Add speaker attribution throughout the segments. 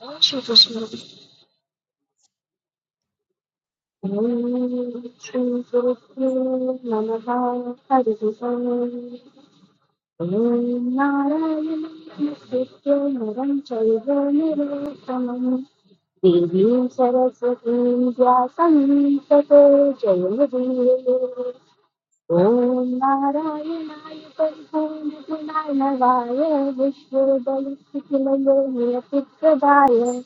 Speaker 1: देवीं सरस्वतीं व्यासं ततो जयमुदीरये। Om Nara Nara Purushottama Narayana Vishvadevaki Namah Prabhaaya.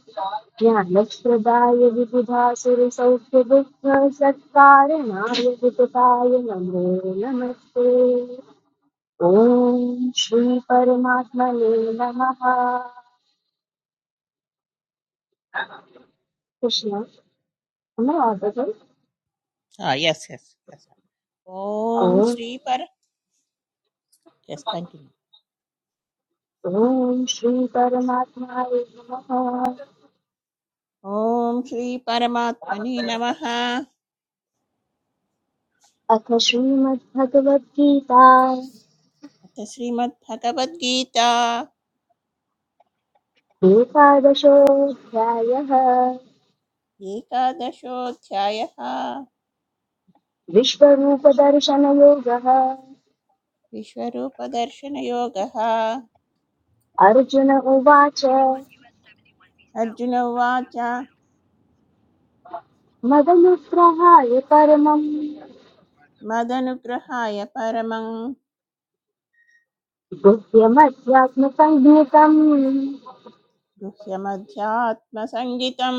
Speaker 1: Ya Nishprabhaaya Vishuddha Surya Sankalpam Sakkarayana Vishvadevaki Namah Namaste. Om Shri Paramatma Namaḥ Krishna. Om
Speaker 2: Ah, yes, yes, yes. sir. Om Shri Par. Yes, continue.
Speaker 1: Om Shri Paramatma Namaḥ
Speaker 2: Om Shri Paramatmani Namaha.
Speaker 1: Akashvam Bhagavat Geeta.
Speaker 2: अथ Shrimad Bhagavad Gita
Speaker 1: Pita daso kaya,
Speaker 2: एकादशोऽध्यायः
Speaker 1: Vishvarupa darshanaya.
Speaker 2: विश्वरूपदर्शनयोगः
Speaker 1: Arjuna eva cha
Speaker 2: Arjuna उवाच
Speaker 1: Madanikrha yatparam.
Speaker 2: मदनुग्रहाय परमं
Speaker 1: Bhushyamasya kama gnanam
Speaker 2: गुह्यमध्यात्मसङ्गितं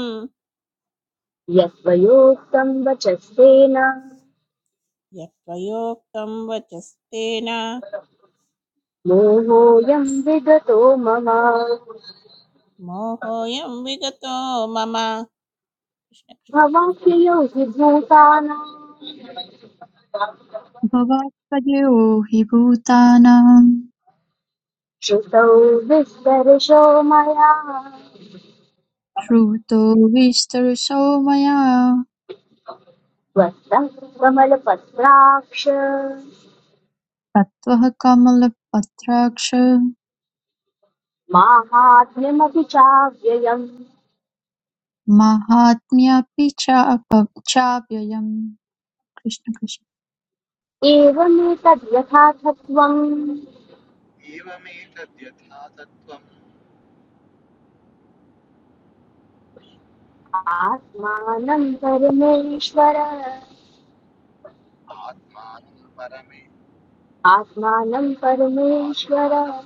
Speaker 1: yatvayogam bchastena.
Speaker 2: यत्त्वयोक्तं वचस्तेन
Speaker 1: Moho yam vidhoma ma
Speaker 2: मोहोऽयं विगतो मम
Speaker 1: Bhavanti yogi Bhootaana.
Speaker 3: भवात्तयो हि भूतानां
Speaker 1: Chetavishvaro maaya
Speaker 3: श्रुतो विस्तरसो मया
Speaker 1: vastam gamal patraksh.
Speaker 3: तत्त्वः कमलपत्राक्ष
Speaker 1: Mahatmamucchayam,
Speaker 3: माहात्म्यापि चाप- चाप्ययम् Krishna Krishna
Speaker 1: evam tad yatha svam. Atmanam parameshvara, Atmanam parameshvara.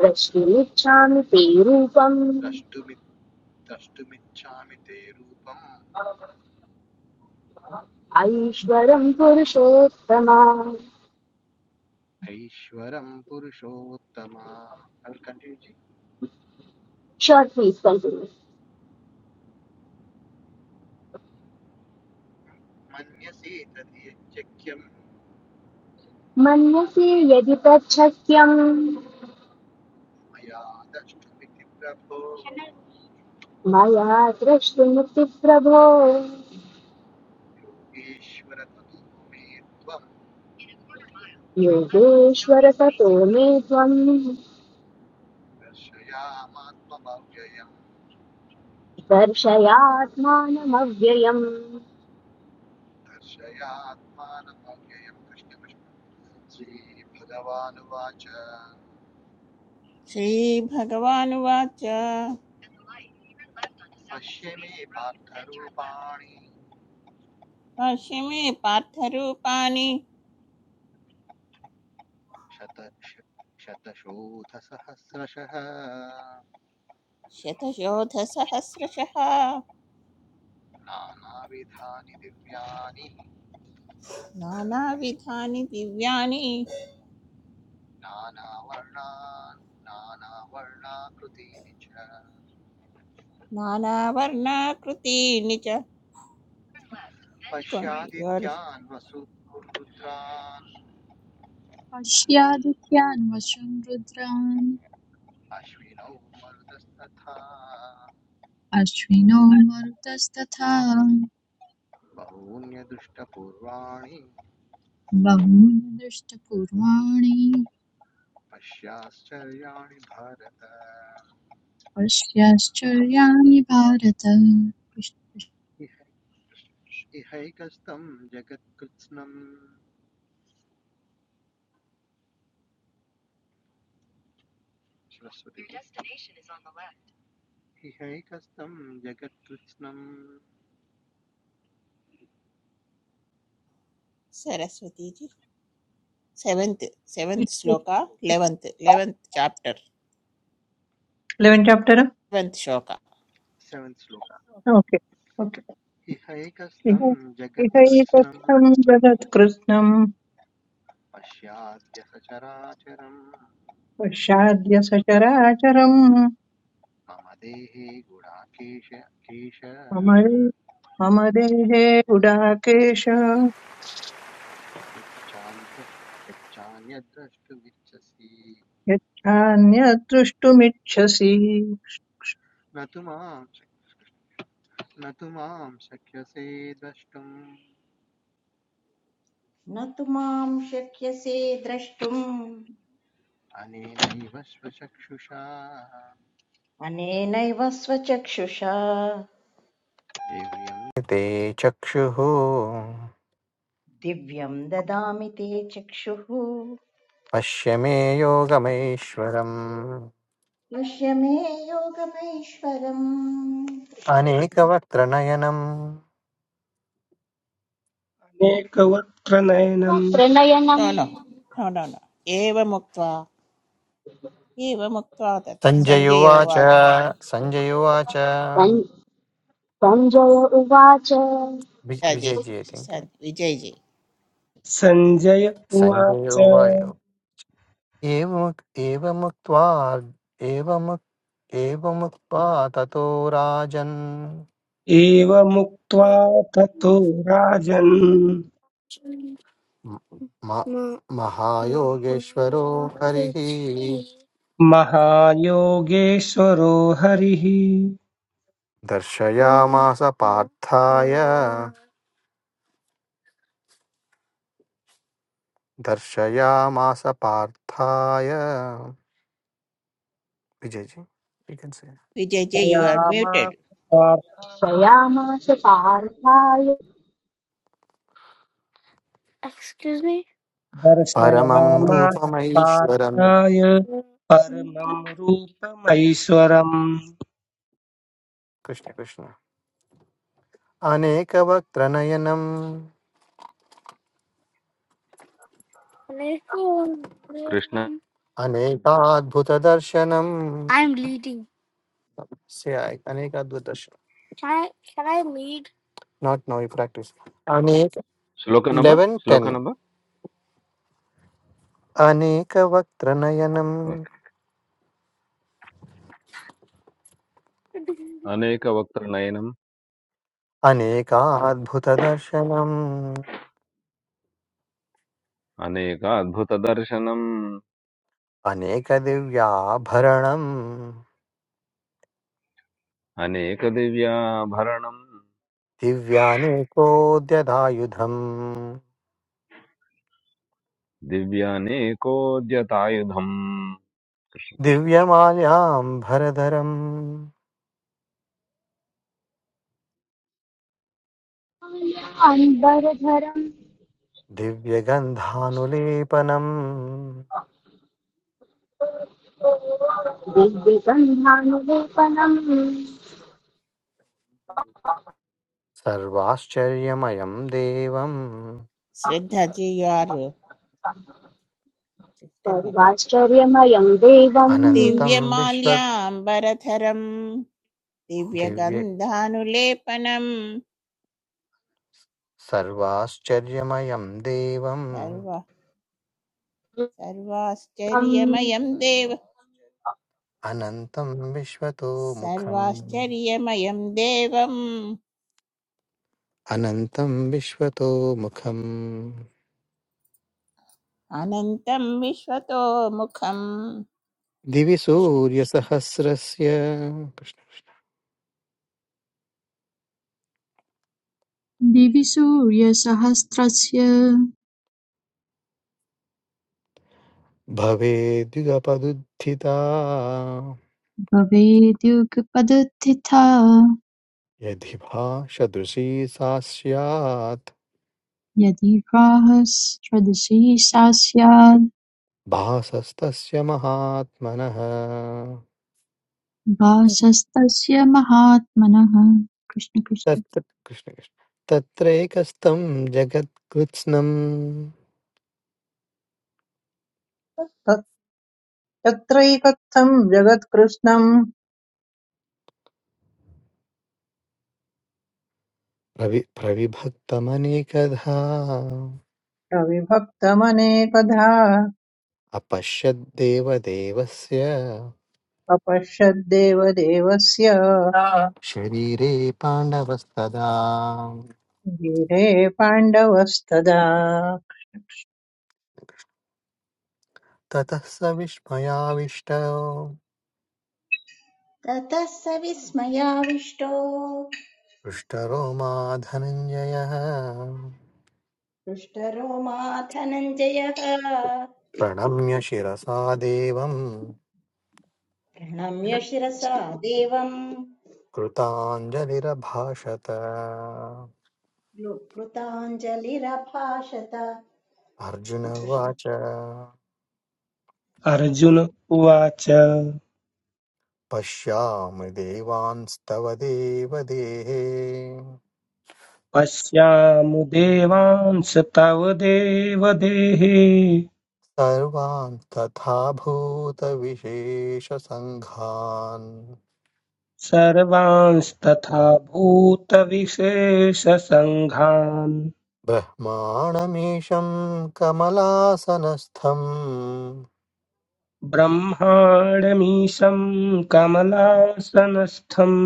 Speaker 1: Prasthutchaam teerum, Ayishvaram purushaama. Chant this kalindi. Manasya yadichchakyam, Maya prasthutam te prabho. Yogeshvara sato me svam. दर्शयात्मानमव्ययम्
Speaker 2: श्रीभगवानुवाच भाष्य मे पार्थरूपाणि शतशोधसहस्रशः नानाविधानि दिव्यानि नानावर्णाकृतीनि च your
Speaker 3: पश्यादित्यान् वशं रुद्रान् अश्विनो मरुतस्तथा बहूनि दृष्टपूर्वाणि पश्याश्चर्याणि Bharata Krishna Krishna.
Speaker 2: Saraswati ji seventh seventh
Speaker 4: eleven
Speaker 2: shloka eleventh eleventh chapter
Speaker 4: chapter
Speaker 2: eleventh shloka
Speaker 4: okay okay इह इह एतत्सं जगत्कृत्स्नं पश्चाद्य सचराचरम् मम मम देहे उडाकेश यच्छान्यद्द्रष्टुमिच्छसि
Speaker 5: न तु मां शक्यसे द्रष्टुम् अनेनैव स्वचक्षुषा
Speaker 6: ते चक्षुः
Speaker 5: दिव्यं ददामि ते चक्षुः
Speaker 6: पश्य मे योगमैश्वरम्
Speaker 5: पश्य मे योगमैश्वरम् कृष्ण कृष्ण
Speaker 6: अनेकवक्त्रनयनम्
Speaker 7: मेकवक्त्र नयनं
Speaker 1: वक्त्रनयनम्
Speaker 2: नो नो नो नो नो एवमुक्त्वा एवमुक्त्वा तत्
Speaker 6: सञ्जय
Speaker 2: सञ्जय
Speaker 6: उवाच
Speaker 2: उवाच
Speaker 6: सञ्जय उवाच
Speaker 1: सञ्- सञ्जय उवाच
Speaker 6: वि-
Speaker 2: अजय
Speaker 6: विजयजी ऐ थिङ्क्
Speaker 2: विजय जी
Speaker 7: सञ्जय
Speaker 6: सञ्जय
Speaker 7: उवाच
Speaker 6: उवाच एवमुक् एवमुक्त्वा एवमुक् एवमुक्त्वा ततो राजन्
Speaker 7: एवमुक्त्वा ततो राजन्
Speaker 6: म- म- महायोगेश्वरो हरिः
Speaker 7: महायोगेश्वरो हरिः
Speaker 6: दर्शयामास पार्थाय दर्शयामास पार्थाय Vijay ji you can say
Speaker 2: Vijay ji you are
Speaker 7: दर्शयामास
Speaker 2: म्यूटेड
Speaker 7: पार्थाय
Speaker 1: प्रयामास पार्थाय
Speaker 6: Excuse me? परमं
Speaker 7: दर्शयामास
Speaker 6: रूपमैश्वरम्
Speaker 7: पार्थाय परमं रूपमैश्वरम्
Speaker 6: Krishna Krishna अनेकवक्त्रनयनम् I
Speaker 8: Krishna
Speaker 6: अनेकाद्भुतदर्शनम् I am leading. Say I अनेकाद्भुतदर्शन Can I, can I lead? Not no you practice अनेक
Speaker 8: shloka number
Speaker 6: eleven
Speaker 8: shloka
Speaker 6: ten
Speaker 8: number okay
Speaker 6: अनेकवक्त्रनयनम्
Speaker 8: అనేక వక్త నయనం
Speaker 6: अनेकाद्भुतदर्शनम्
Speaker 8: అనేక అద్భుత దర్శనం
Speaker 6: अनेकदिव्याभरणम्
Speaker 8: అనేక దివ్యాభరణం
Speaker 6: दिव्यानेकोद्यदायुधम्
Speaker 8: దివ్యానేకోద్యతాయుధం
Speaker 6: दिव्यमाल्याम्भरधरम्
Speaker 1: अम्बरधरम्
Speaker 6: दिव्यगन्धानुलेपनम्
Speaker 1: दिव्यसन्धानलेपनम्
Speaker 6: सर्वाश्चर्यमयम् देवम्
Speaker 2: Shraddhaji, you are disconnected.
Speaker 1: सर्वाश्चर्यमयम् देवम्
Speaker 6: अनन्तम् विश्व
Speaker 2: दिव्यमाल्याम्बरधरम्
Speaker 6: दिव्य
Speaker 2: दिव्यगन्धानुलेपनम्
Speaker 6: सर्वाश्चर्यमयम् देवम्
Speaker 2: सर्व
Speaker 1: तम्
Speaker 2: सर्वाश्चर्यमयं देव
Speaker 6: अनन्तम् विश्वतो मुखम्
Speaker 2: सर्वाश्चर्यमयं देवम्
Speaker 6: अनन्तं विश्वतो मुखं
Speaker 2: अनन्तं विश्वतोमुखम्
Speaker 6: दिवि
Speaker 2: कृष्ण कृष्ण
Speaker 6: सूर्यसहस्रस्य कृष्ण
Speaker 3: दिवि सूर्यसहस्रस्य
Speaker 6: भवेद्युगपदुत्थिता
Speaker 3: भवेद्युगपदुत्थिता
Speaker 6: यदि भाषदृशी सा स्यात्
Speaker 3: यदि प्राहस्रदृशी सा स्याद्
Speaker 6: भासस्तस्य महात्मनः
Speaker 3: भासस्तस्य महात्मनः कृष्ण कृष्ण
Speaker 6: तत्र कृष्णकृष्ण तत्रैकस्तं जगत्कृत्स्नं
Speaker 4: तत्- तत्रैकत्थं जगत्कृत्स्नं
Speaker 6: प्रवि प्रविभक्तमनेकधा
Speaker 4: प्रविभक्तमनेकधा
Speaker 6: अपश्यद्देवदेवस्य
Speaker 4: अपश्यद्देवदेवस्य
Speaker 6: शरीरे पाण्डवस्तदा
Speaker 4: धीरे पाण्डवस्तदा
Speaker 6: ततः स विस्मयाविष्ट
Speaker 5: ततः स विस्मयाविष्टो
Speaker 6: हृष्टरो मा धनञ्जयः
Speaker 5: दुष्टरोमा धनञ्जयः
Speaker 6: प्रणम्य शिरसा देवम्
Speaker 5: प्रणम्य शिरसा देवम्
Speaker 6: कृताञ्जलिरभाषत
Speaker 5: कृताञ्जलिरभाषत
Speaker 6: अर्जुन उवाच
Speaker 7: अर्जुन उवाच
Speaker 6: पश्यामि देवांस्तव देवदेहे
Speaker 7: पश्यामु देवांस तव देवदेहे
Speaker 6: सर्वान् तथा भूतविशेषसङ्घान्
Speaker 7: सर्वांस्तथा भूतविशेषसङ्घान्
Speaker 6: ब्रह्माणमीशं कमलासनस्थं
Speaker 7: ब्रह्माणमीशं कमलासनस्थम्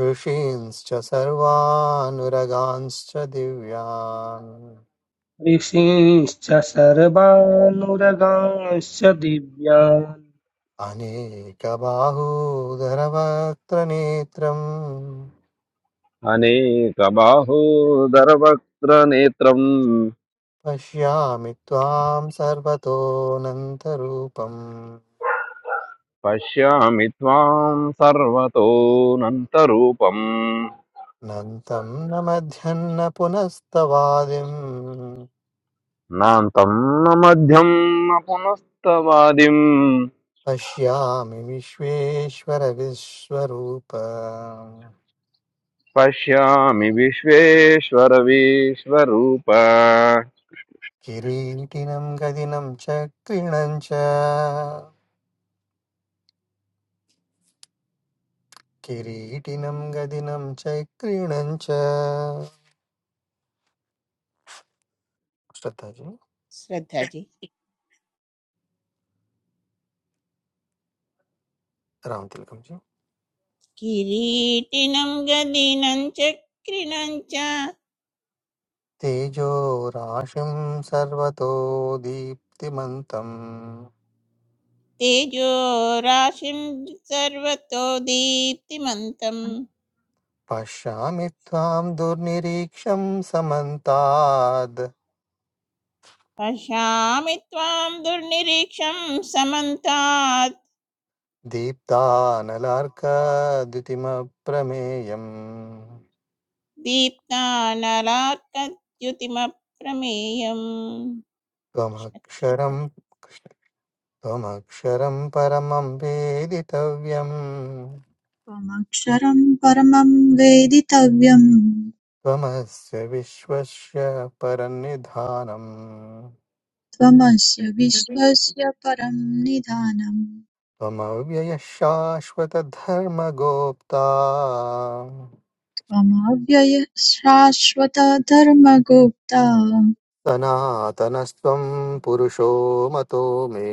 Speaker 6: ऋषींश्च सर्वानुरगांश्च दिव्यान्
Speaker 7: ऋषींश्च सर्वानुरगांश्च दिव्यान्
Speaker 6: अनेकबाहूधरवक्त्रनेत्रं
Speaker 8: అనేక బాహూదరవక్త్ర నేత్రం
Speaker 6: पश्यामि त्वां सर्वतोऽनन्तरूपम्
Speaker 8: పశ్యామి త్వాం సర్వతోనంతరూపం
Speaker 6: नन्तं न मध्यं न पुनस्तवादिं च।
Speaker 8: నాంతం న మధ్యం న పునస్తవాదిం पश्यामि विश्वेश्वरवीश्वरूप
Speaker 6: श्रद्धाजी जी।
Speaker 2: श्रद्धाजी
Speaker 6: राम तिलकम जी।
Speaker 2: किरीटिनं गदिनं चक्रिणं च
Speaker 6: तेजोराशिं सर्वतो दीप्तिमन्तम्
Speaker 2: तेजो राशिं सर्वतो दीप्तिमन्तम्
Speaker 6: पश्यामि त्वां दुर्निरीक्षं समन्ताद्
Speaker 2: पश्यामि त्वां दुर्निरीक्षं समन्तात्
Speaker 6: दीप्तानलार्कद्युतिमप्रमेयम्
Speaker 2: दीप्तानलार्कद्युतिमप्रमेयम् कृष्ण कृष्ण
Speaker 6: त्वमक्षरं त्वमक्षरं परमं वेदितव्यं
Speaker 3: त्वमक्षरं परमं वेदितव्यं
Speaker 6: त्वमस्य विश्वस्य परन्निधानम्
Speaker 3: त्वमस्य विश्वस्य परं निधानं
Speaker 6: त्वमव्ययः शाश्वतधर्मगोप्ता
Speaker 3: त्वमव्ययः शाश्वत धर्मगुप्ता
Speaker 6: सनातनस्त्वं पुरुषो मतो मे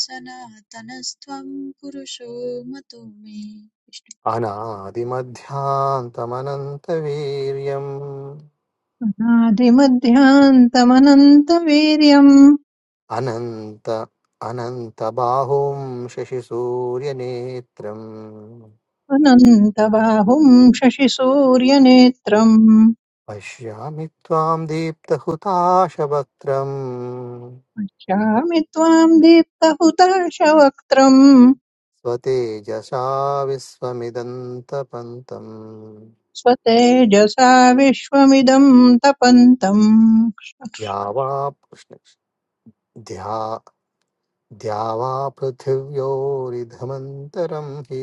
Speaker 3: सनातनस्त्वं पुरुषो मतो मे
Speaker 6: अनादिमध्यान्तमनन्तवीर्यम्
Speaker 4: अनादिमध्यान्तमनन्तवीर्यम्
Speaker 6: अनन्त अनन्तबाहुं शशिसूर्यनेत्रम्
Speaker 4: अनन्तबाहुं शशिसूर्यनेत्रम्
Speaker 6: पश्यामि त्वां दीप्तहुताशवक्त्रम्
Speaker 4: श्यामि त्वाम् दीप्तहुताशवक्त्रम्
Speaker 6: स्वतेजसा विश्वमिदन्तपन्तम्
Speaker 4: स्वतेजसा विश्वमिदम् तपन्तम्
Speaker 6: द्यावा कृष्ण द्यावा पृथिव्योरिधमन्तरं हि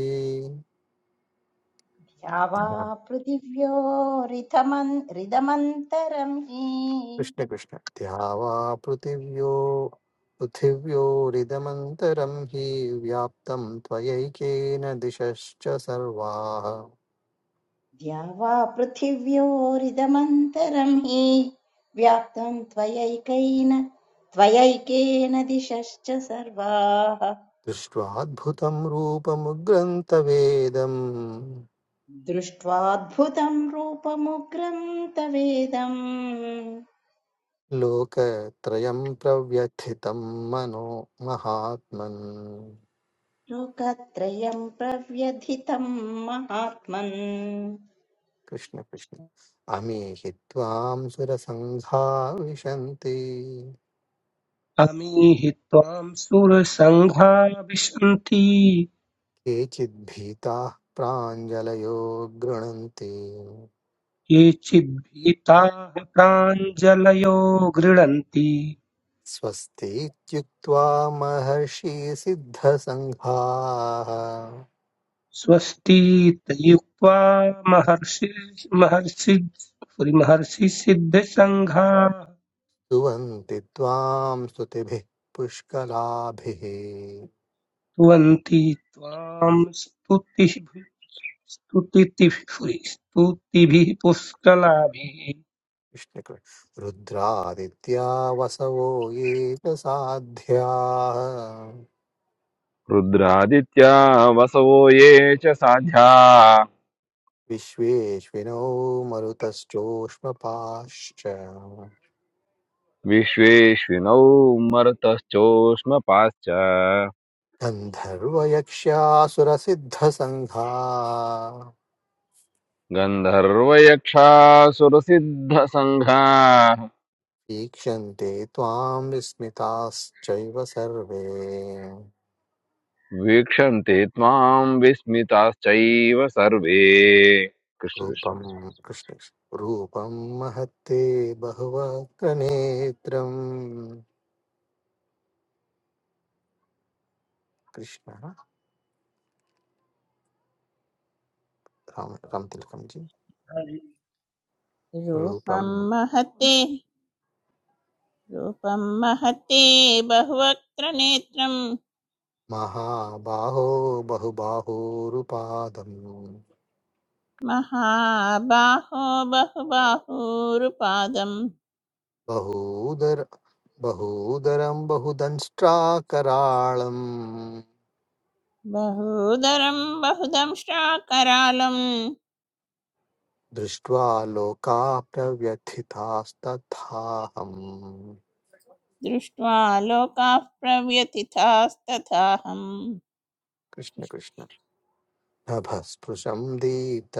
Speaker 5: या वा
Speaker 6: ध्या-
Speaker 5: पृथिव्योरिदमन् रिदमन्तरं हि
Speaker 6: कृष्ण कृष्ण द्यावा पृथिव्यो पृथिव्योरिदमन्तरं हि व्याप्तं त्वयैकेन दिशश्च सर्वाः
Speaker 5: द्या वा पृथिव्योरिदमन्तरं हि व्याप्तं त्वयैकेन त्वयैकेन दिशश्च सर्वाः
Speaker 6: दृष्ट्वाद्भुतं रूपमुग्रन्थवेदम्
Speaker 5: दृष्ट्वाद्भुतं रूपमुग्रं तवेदं
Speaker 6: लोकत्रयं प्रव्यथितं मनो महात्मन्
Speaker 5: लोकत्रयं प्रव्यथितं महात्मन्
Speaker 6: कृष्ण कृष्ण अमीहि त्वां सुरसङ्घा विशन्ति
Speaker 7: अमीहि त्वां सुरसङ्घा विशन्ति
Speaker 6: केचिद्भीताः प्राञ्जलयो गृणन्ति
Speaker 7: ये चिद्भीताः प्राञ्जलयो गृणन्ति
Speaker 6: स्वस्ति इत्युक्त्वा महर्षिसिद्धसङ्घाः
Speaker 7: स्वस्तीत्ययुक्त्वा महर्षि महर्षि महर्षिसिद्धसङ्घाः
Speaker 6: सुवन्ति त्वां स्तुतिभिः पुष्कलाभिः
Speaker 7: स्तुवन्ति त्वां स्तुतिभिः स्तुतिभिः स्तुतिभिः पुष्कलाभिः
Speaker 6: कृष्णकृष्ण रुद्रादित्या वसवो ये च साध्याः
Speaker 8: रुद्रादित्या वसवो ये च साध्या
Speaker 6: विश्वेश्विनो मरुतश्चोष्मपाश्च
Speaker 8: विश्वेश्विनौ मरुतश्चोष्मपाश्च
Speaker 6: गन्धर्वयक्ष्यासुरसिद्धसङ्घा
Speaker 8: गन्धर्वयक्षासुरसिद्धसङ्घा
Speaker 6: ईक्षन्ते त्वां विस्मिताश्चैव सर्वे
Speaker 8: वीक्षन्ते त्वाम् विस्मिताश्चैव सर्वे कृष्ण कृष्ण
Speaker 6: रूपं कृष्ण रूपं महत्ते बहुवक्त्रनेत्रं कृष्ण राम रामतिलकं जी रूपं
Speaker 2: रूपं महते रूपं महते बहुवक्त्र नेत्रं
Speaker 6: महाबाहो बहुबाहुरुपादं
Speaker 2: महाबाहो बहुबाहूरुपादं
Speaker 6: बहूदर बहूदरं बहुदंष्ट्राकराळम्
Speaker 2: बहूदरं बहुदंष्ट्राकरालं
Speaker 6: दृष्ट्वा लोका प्रव्यथितास्तथाहम्
Speaker 2: दृष्ट्वा लोकाः प्रव्यथितास्तथाहम्
Speaker 6: कृष्णकृष्ण नभस्पृशं दीप्तमनेकवर्णम्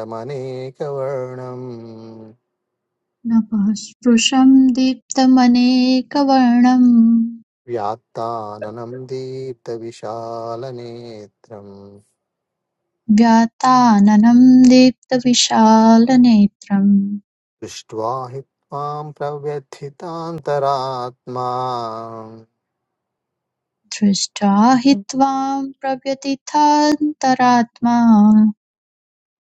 Speaker 3: नभः स्पृशं दीप्तमनेकवर्णं
Speaker 6: व्यात्ताननं दीप्तविशालनेत्रम्
Speaker 3: व्याताननं दीप्तविशालनेत्रं
Speaker 6: दृष्ट्वा हि त्वां प्रव्यथितान्तरात्मा
Speaker 3: दृष्ट्वा हि त्वां प्रव्यथितान्तरात्मा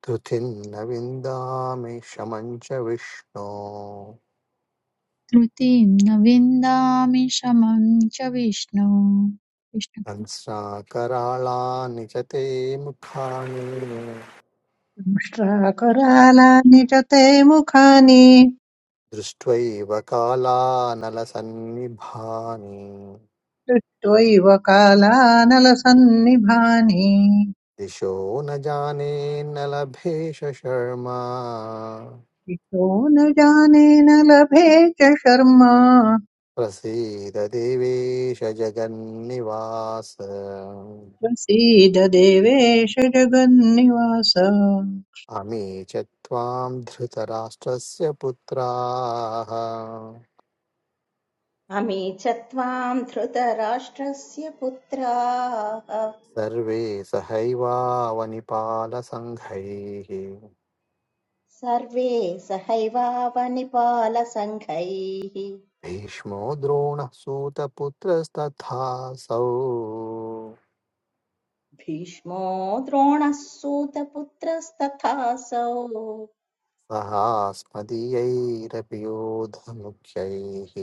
Speaker 6: धृतिर्न विन्दामि शमं च विष्णो
Speaker 3: धृतिं न विन्दामि शमं च विष्णु कृष्ण।
Speaker 6: हंसाकराळानि च ते मुखानि
Speaker 4: श्राकरालानि च ते मुखानि
Speaker 6: दृष्ट्वैव कालानलसन्निभानि
Speaker 4: दृष्ट्वैव कालानलसन्निभानि
Speaker 6: दिशो न जाने न लभेश शर्मा
Speaker 4: दिशो न जाने न लभे च शर्मा
Speaker 6: प्रसीद देवेश जगन्निवास
Speaker 4: प्रसीद देवेश जगन्निवास
Speaker 6: अमी च त्वां धृतराष्ट्रस्य पुत्राः
Speaker 5: अमी च त्वां धृतराष्ट्रस्य पुत्राः
Speaker 6: सर्वे सहैवावनिपालसङ्घैः
Speaker 5: सर्वे सहैवावनिपालसङ्घैः
Speaker 6: भीष्मो द्रोणः सूतपुत्रस्तथासौ
Speaker 5: भीष्मो द्रोणः सूतपुत्रस्तथासौ
Speaker 6: सहास्मदीयैरपि योधमुख्यैः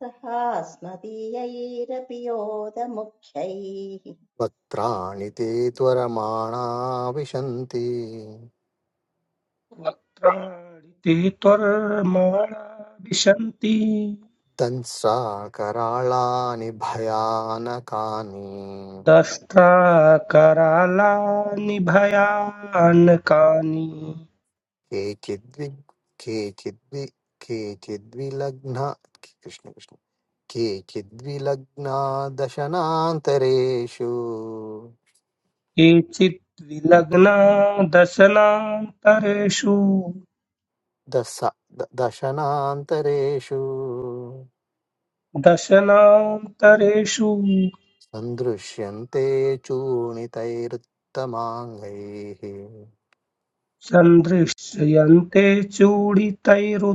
Speaker 5: सहास्मदीयैरपि योधमुख्यैः
Speaker 6: वक्त्राणि ते त्वरमाणा विशन्ति
Speaker 7: वक्त्राणि ते त्वर्माणाभिशन्ति
Speaker 6: दंसा कराळानि भयानकानि
Speaker 7: दष्ट्रा करालानि भयानकानि
Speaker 6: केचिद्वि केचिद्वि केचिद्विलग्न कृष्ण कृष्ण केचिद्विलग्ना दशनान्तरेषु
Speaker 7: केचित् विलग्ना दशनान्तरेषु
Speaker 6: दश द- दशनान्तरेषु
Speaker 7: दशनान्तरेषु
Speaker 6: सन्दृश्यन्ते चूर्णितैरुत्तमाङ्गैः
Speaker 7: सन्दृश्यन्ते चूडितैरुत्तमाङ्गैः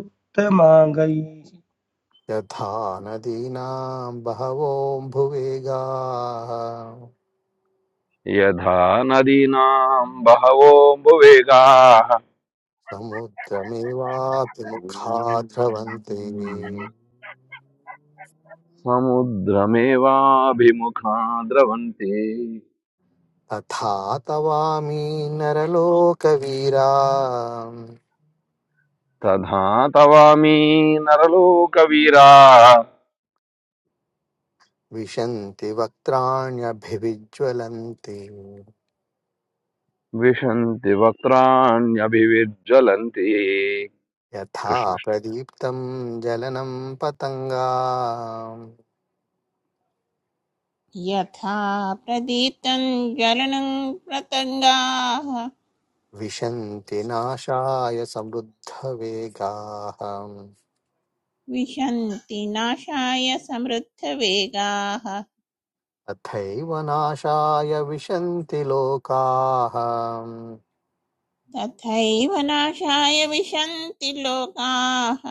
Speaker 6: यथा नदीनां बहवोऽम्बुवेगाः
Speaker 8: यथा नदीनाम् बहवोऽम्बुवेगाः
Speaker 6: समुद्रमेवापि मुखा द्रवन्ति
Speaker 8: समुद्रमेवाभिमुखा द्रवन्ते
Speaker 6: तथा तवामि नरलोकवीरा
Speaker 8: तथा तवामी नरलोकवीरा
Speaker 6: विशन्ति वक्त्राण्यभिविज्ज्वलन्ति
Speaker 8: विशन्ति वक्त्राण्यभिविज्ज्वलन्ति
Speaker 6: यथा
Speaker 8: कृष्ण कृष्ण।
Speaker 6: प्रदीप्तं जलनं पतङ्गा
Speaker 2: यथा प्रदीप्तं ज्वलनं प्रतङ्गाः
Speaker 6: विशन्ति नाशाय समृद्धवेगाः
Speaker 2: विशन्ति नाशाय समृद्धवेगाः
Speaker 6: तथैव नाशाय विशन्ति लोकाः
Speaker 2: तथैव नाशाय विशन्ति लोकाः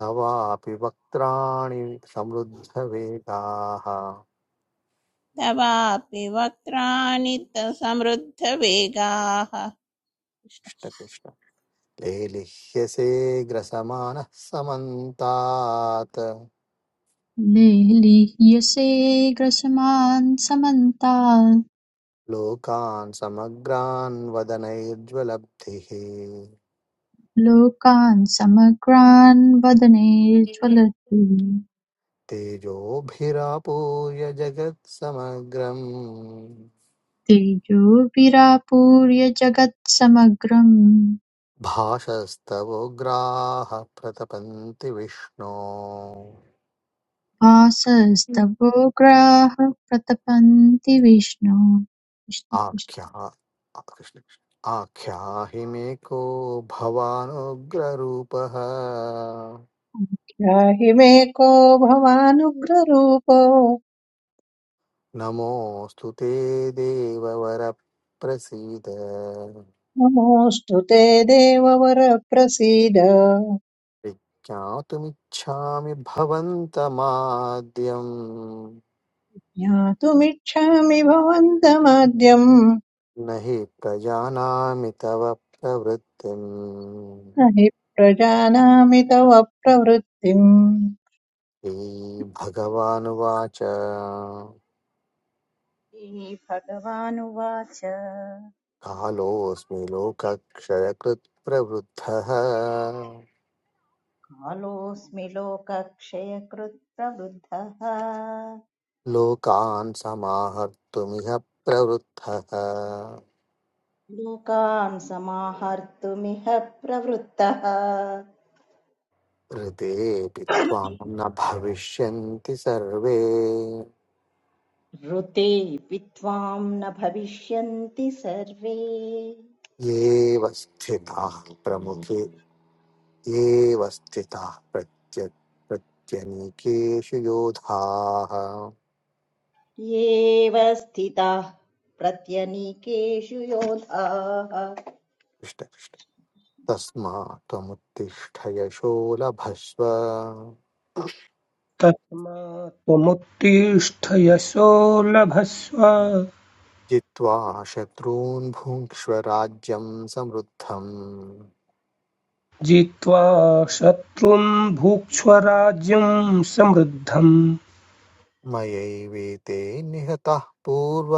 Speaker 6: तवापि वक्त्राणि समृद्धवेगाः
Speaker 2: तवापि वक्त्राणि त- समृद्धवेगाः
Speaker 6: कृष्णकृष्ण लेलिह्यसे ग्रसमानः समन्तात्
Speaker 3: लेलीह्यसे ग्रसमान् समन्तात्
Speaker 6: लोकान् समग्रान् वदनैर्ज्वलब्धिः
Speaker 3: लोकान् समग्रान् वदने ज्वलति
Speaker 6: तेजोभिरापूय जगत्समग्रम्
Speaker 3: तेजोभिरापूर्य जगत्समग्रं
Speaker 6: भाषस्तवोग्राः प्रतपन्ति विष्णो
Speaker 3: भासस्तवोग्राः प्रतपन्ति विष्णो कृष्ण कृष्ण।
Speaker 6: आख्या आ- कृष्ण कृष्ण। आख्याहि मे को भवानुग्ररूपः
Speaker 4: याहि मे को भवानुग्ररूपो
Speaker 6: नमोऽस्तु ते देववर प्रसीद
Speaker 4: नमोऽस्तु ते देववर प्रसीद
Speaker 6: विज्ञातुमिच्छामि भवन्तमाद्यं
Speaker 4: ज्ञातुमिच्छामि भवन्तमाद्यम्
Speaker 6: न हि प्रजानामि तव प्रवृत्तिम्
Speaker 4: न हि प्रजानामि तव प्रवृत्तिम्
Speaker 6: श्रीभगवानुवाच
Speaker 5: श्रीभगवानुवाच
Speaker 6: कालोऽस्मि लोकक्षयकृत् प्रवृद्धः
Speaker 5: कालोऽस्मि लोकक्षयकृत् प्रवृद्धः
Speaker 6: लोकान् समाहर्तुमिह प्रवृद्धः
Speaker 5: लोकान् समाहर्तुमिह प्रवृत्तः
Speaker 6: हृदेऽपि त्वां न भविष्यन्ति सर्वे
Speaker 5: ऋते विद्वां न भविष्यन्ति सर्वे
Speaker 6: येव स्थिताः प्रमुखे येव स्थिताः प्रत्य प्रत्यनीकेषु योधाः
Speaker 5: येव स्थिताः प्रत्यनीकेषु योधाः
Speaker 6: कृष्ण कृष्ण तस्मा त्वमुत्तिष्ठ यशो लभस्व
Speaker 7: तस्मा त्वमुत्तिष्ठ यशो लभस्व
Speaker 6: जित्वा शत्रून् भुङ्क्ष्व राज्यं समृद्धम्
Speaker 7: जित्वा शत्रुं भुक्ष्व राज्यं समृद्धम्
Speaker 6: मयैवेते निहताः पूर्व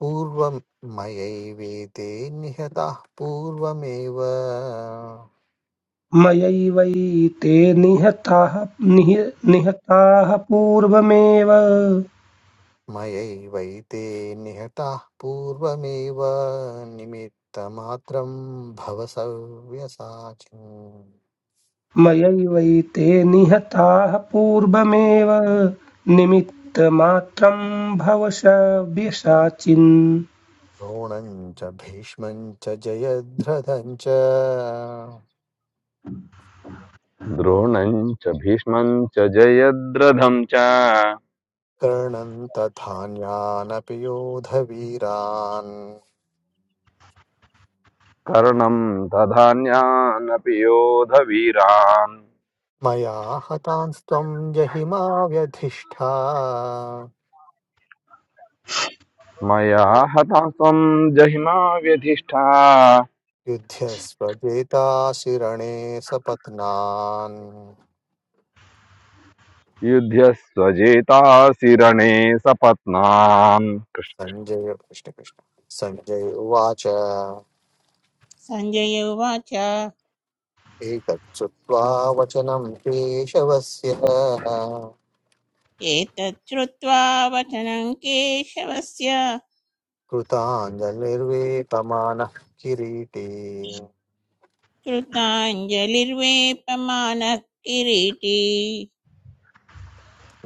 Speaker 6: पूर्वं मयैवेते निहताः पूर्वमेव
Speaker 7: मयैवैते निहताः निह निहताः पूर्वमेव
Speaker 6: मयैवैते निहताः पूर्वमेव निमित्तमात्रं भव सव्यसाचिन्
Speaker 7: मयैवैते निहताः पूर्वमेव निमित्तमात्रं भवशव्यसाचिन्
Speaker 6: द्रोणं च भीष्मं च जयद्रथं च
Speaker 8: द्रोणम् च भीष्मम् च जयद्रथम् च
Speaker 6: कर्णं तथान्यानपि योधवीरान्
Speaker 8: कर्णम् तथान्यानपि योधवीरान्
Speaker 6: मया हतांस्त्वं जहिमा व्यधिष्ठा
Speaker 8: मया हता त्वं जहिमा व्यधिष्ठा
Speaker 6: युध्यस्व जेताशिरणे सपत्नान्
Speaker 8: युध्यस्वजेतासि रणे सपत्नान् कृष्ण
Speaker 6: सञ्जय कृष्णकृष्ण सञ्जय उवाच
Speaker 2: सञ्जय उवाच
Speaker 6: एतत् श्रुत्वा वचनं केशवस्य
Speaker 2: एतत् श्रुत्वा वचनं केशवस्य
Speaker 6: कृताञ्जलिर्वेपमानः किरीटी
Speaker 2: कृताञ्जलिर्वेपमानः किरीटी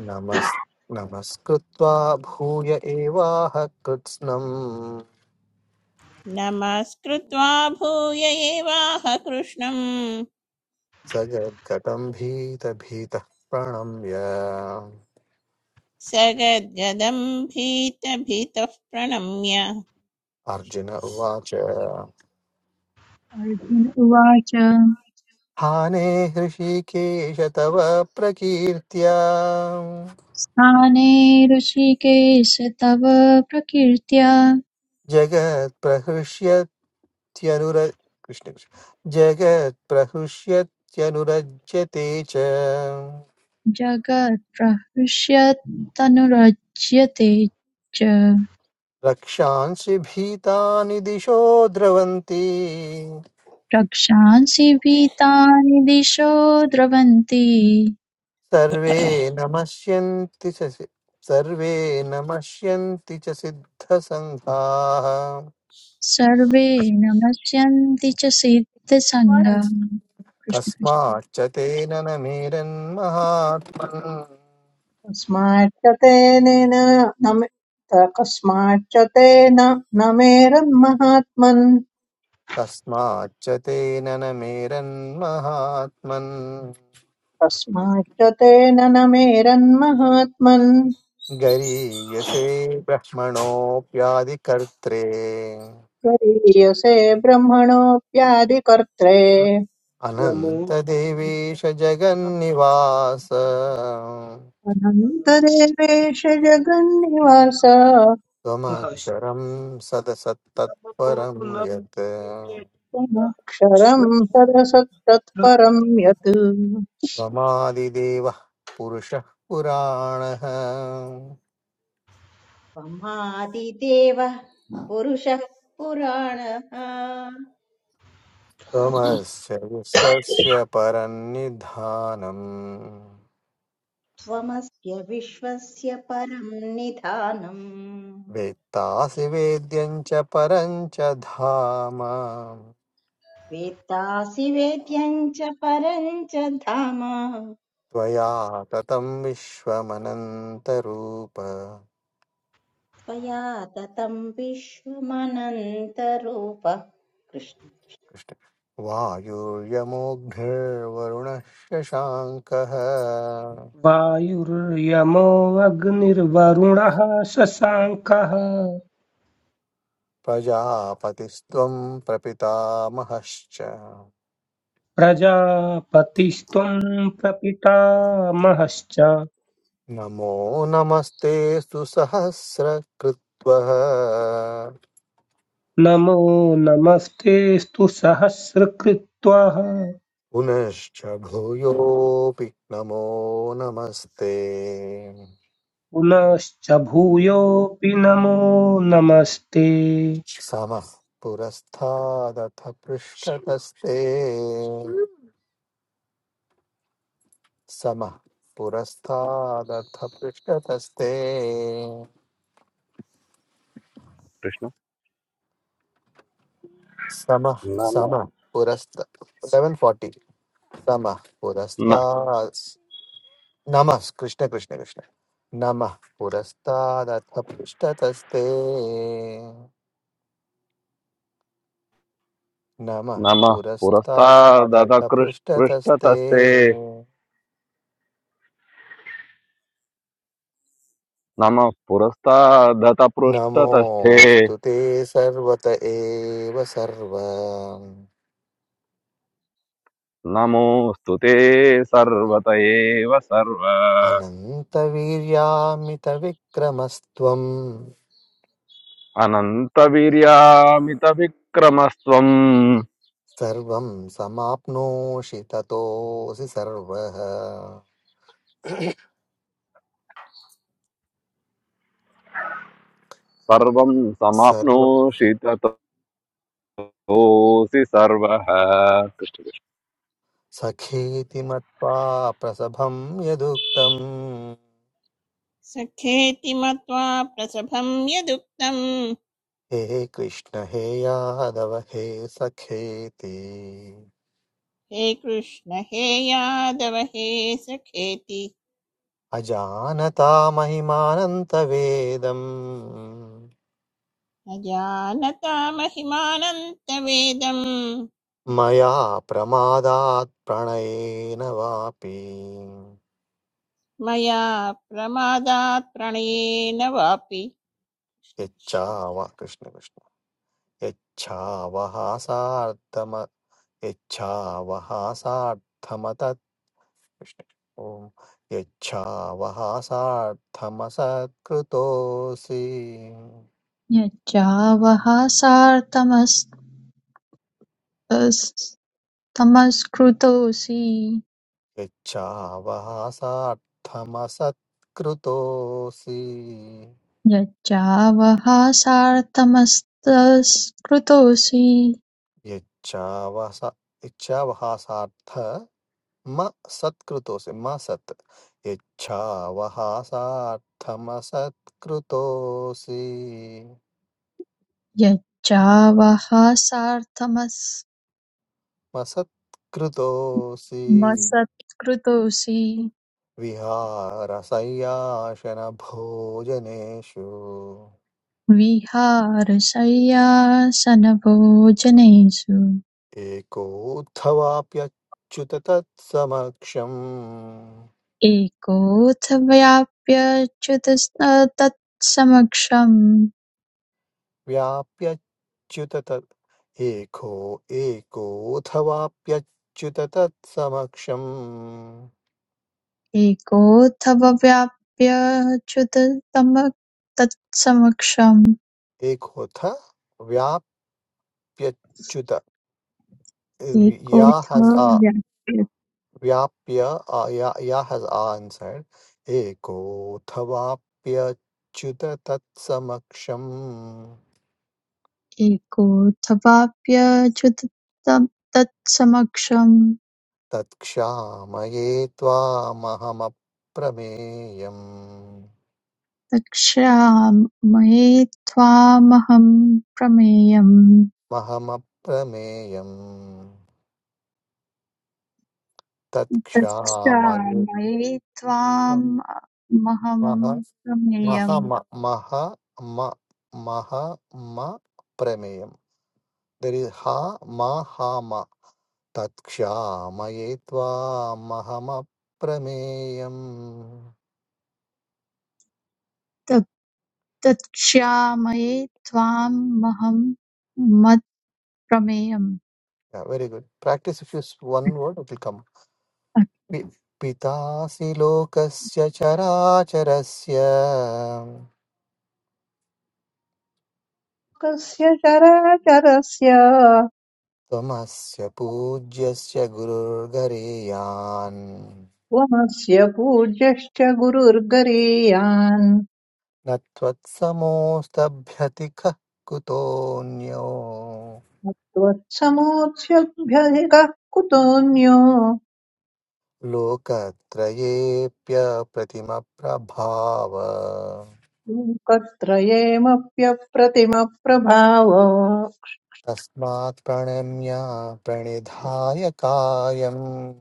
Speaker 6: नमस् नमस्कृत्वा भूय एवाह कृत्स्नम्
Speaker 2: नमस्कृत्वा भूय एवाह कृष्णं
Speaker 6: स यद्गतं भीतभीतः प्रणम्य
Speaker 2: स गद्गदं भीतभीतः प्रणम्य
Speaker 6: अर्जुन उवाच
Speaker 3: अर्जुन उवाच
Speaker 6: हाने हृषीकेश तव प्रकीर्त्या
Speaker 3: स्थाने ऋषिकेश तव प्रकीर्त्या
Speaker 6: जगत्प्रहृष्यत्यनुर कृष्ण कृष्ण। जगत्प्रहृष्यत्यनुरज्यते च
Speaker 3: जगत्प्रहृष्यत्तनुरज्यते च
Speaker 6: रक्षांसि भीतानि दिशो द्रवन्ति
Speaker 3: रक्षांसि भीतानि दिशो द्रवन्ति
Speaker 6: सर्वे नमस्यन्ति च सि- सर्वे नमस्यन्ति च सिद्धसङ्घाः
Speaker 3: सर्वे नमस्यन्ति च सिद्धसङ्गम् कृष्ण कृष्ण
Speaker 6: कस्माच्च तेन न मेरन्महात्मन्
Speaker 4: कस्माच्च तेन न मे- त- कस्माच्च तेन न मेरन्महात्मन्
Speaker 6: कस्माच्च तेन न मेरन्महात्मन्
Speaker 4: कस्माच्च तेन न मेरन्महात्मन्
Speaker 6: गरीयसे ब्रह्मणोऽप्यादिकर्त्रे
Speaker 4: गरीयसे ब्रह्मणोऽप्यादिकर्त्रे
Speaker 7: भद्रमो
Speaker 6: अनन्तदेवेश जगन्निवास
Speaker 4: अनन्तदेवेश जगन्निवास
Speaker 7: निब्रह्मश्रवो
Speaker 6: त्वमक्षरं सदसत्तत्परं
Speaker 7: न
Speaker 6: यत्
Speaker 7: प्रेतः
Speaker 4: त्वमक्षरम् सरसत्तत्परम्
Speaker 7: शत्रुकृत्तः
Speaker 4: यत्
Speaker 6: त्वमादिदेवः पुरुषः पुराणः
Speaker 5: त्वमादिदेवः पुरुषः पुराणः
Speaker 6: त्वमस्य विश्वस्य परन्निधानम्
Speaker 5: त्वमस्य विश्वस्य परं निधानम्
Speaker 6: वेत्तासि वेद्यं च परं च धाम
Speaker 5: वेत्तासि वेद्यं च परं च धाम
Speaker 6: त्वया ततं विश्वमनन्तरूप
Speaker 5: त्वया ततं विश्वमनन्तरूपः कृष्ण
Speaker 6: कृष्ण वायुर्यमोऽग्निर्वरुणः शशाङ्कः
Speaker 7: वायुर्यमो अग्निर्वरुणः शशाङ्कः
Speaker 6: प्रजापतिस्त्वं प्रपितामहश्च
Speaker 7: प्रजापतिस्त्वं प्रपितामहश्च
Speaker 6: नमो नमस्ते सुसहस्रकृत्वः
Speaker 7: नमो नमस्तेऽस्तु सहस्रकृत्वः
Speaker 6: पुनश्च भूयोऽपि नमो नमस्ते
Speaker 7: पुनश्च भूयोऽपि नमो नमस्ते
Speaker 6: समः पुरस्तादथ पृष्ठतस्ते समः पुरस्तादथ पृष्ठतस्ते
Speaker 8: कृष्ण
Speaker 6: समः
Speaker 8: नम
Speaker 6: समः पुरस्त सेवेन् फार्टि समः
Speaker 8: न-
Speaker 6: पुरस्तात् नमः कृष्ण कृष्ण कृष्ण नमः पुरस्तादथ पृष्ठतस्ते नमः
Speaker 8: नमः पुरस्तादत
Speaker 6: पुरस्तादथ
Speaker 8: कृष्-
Speaker 6: पृष्ठतस्ते
Speaker 8: पृष्ठतस्ते नमः पुरस्तादत पृष्ठतस्थे
Speaker 6: नमोऽस्तु ते सर्वत एव सर्व
Speaker 8: नमोऽस्तु ते सर्वत एव सर्व
Speaker 6: अनन्तवीर्यामितविक्रमस्त्वम्
Speaker 8: अनन्तवीर्यामितविक्रमस्त्वम्
Speaker 6: सर्वं समाप्नोषि ततोऽसि सर्वः
Speaker 8: सर्वं
Speaker 6: सर्व
Speaker 8: समाप्नोषि तत सोऽसि सर्वः
Speaker 6: सखेति मत्वा प्रसभं यदुक्तम्
Speaker 2: सखेति मत्वा प्रसभं यदुक्तं
Speaker 6: हे कृष्ण हे यादव हे सखेति
Speaker 2: हे कृष्ण हे यादव हे सखेति
Speaker 6: अजानता महिमानन्तवेदम्
Speaker 2: न जानता महिमानन्तवेदं
Speaker 6: मया प्रमादात् प्रणयेन वापि
Speaker 2: मया प्रमादात् प्रणयेन वापि कृष्ण कृष्ण।
Speaker 6: यच्छाव कृष्ण कृष्ण यच्छावः सार्थम यच्छावः सार्थमतत् कृष्ण ॐ यच्छावः सार्थमसत्कृतोऽसि
Speaker 3: यच्चावः सार्थमस्तमस्कृतोऽसि
Speaker 6: यच्छावहासार्थमसत्कृतोऽसि
Speaker 3: यच्चावः सार्थमस्तस्कृतोऽसि
Speaker 6: यच्छावसा यच्छावहासार्थ म सत्कृतोऽसि म सत् यच्छावहासार्थमसत्कृतोऽसि
Speaker 3: यच्चावः
Speaker 6: म सत्कृतोऽसि
Speaker 3: सार्थमस्मसत्कृतोऽसि
Speaker 6: विहारशय्यासनभोजनेषु
Speaker 3: विहारशय्यासनभोजनेषु
Speaker 6: एकोत्थवाप्यच्युत तत्समक्षम्
Speaker 3: एकोऽथव्याप्यच्युतस्तत्समक्षम्
Speaker 6: व्याप्यच्युत तत् एको एकोऽथवाप्यच्युत तत्समक्षम्
Speaker 3: एकोऽथव्याप्यच्युतस्तम तत्समक्षम्
Speaker 6: एकोऽथ व्याप्यच्युत या हस्
Speaker 3: एकोऽथव्याप्य
Speaker 6: व्याप्य uh, या, या हस् आन्सर्ड् एकोऽथवाप्यच्युत तत्समक्षम्
Speaker 3: एकोऽथवाप्यच्युतस्तम तत्समक्षम्
Speaker 6: तत्क्षामये त्वामहमप्रमेयम्
Speaker 3: तक्षामये त्वामहं प्रमेयम्
Speaker 6: महमप्रमेयम् तत्क्षामये
Speaker 3: तक्षामये त्वामहमं
Speaker 6: मह मह
Speaker 3: प्रमेयम्
Speaker 6: म मह म मह म प्रमेयम् दर् इस् हा म हा म तत्क्षामये त्वामहमप्रमेयम्
Speaker 3: तत्क्षामये त्वामहं मत्प्रमेयम्
Speaker 6: very good practice if use one word will come पि- पितासि लोकस्य चराचरस्य
Speaker 4: कस्य चराचरस्य
Speaker 6: त्वमस्य पूज्यस्य गुरुर्गरीयान्
Speaker 4: त्वमस्य पूज्यश्च गुरुर्गरीयान्
Speaker 6: न त्वत्समोऽस्तभ्यतिखः कुतोऽन्यो
Speaker 4: त्वत्समोऽस्यभ्यधिकः कुतोऽन्यो
Speaker 6: लोकत्रयेऽप्यप्रतिमप्रभाव
Speaker 4: लोकत्रयेमप्यप्रतिमप्रभाव
Speaker 6: तस्मात् प्रणम्य प्रणिधाय कार्यम्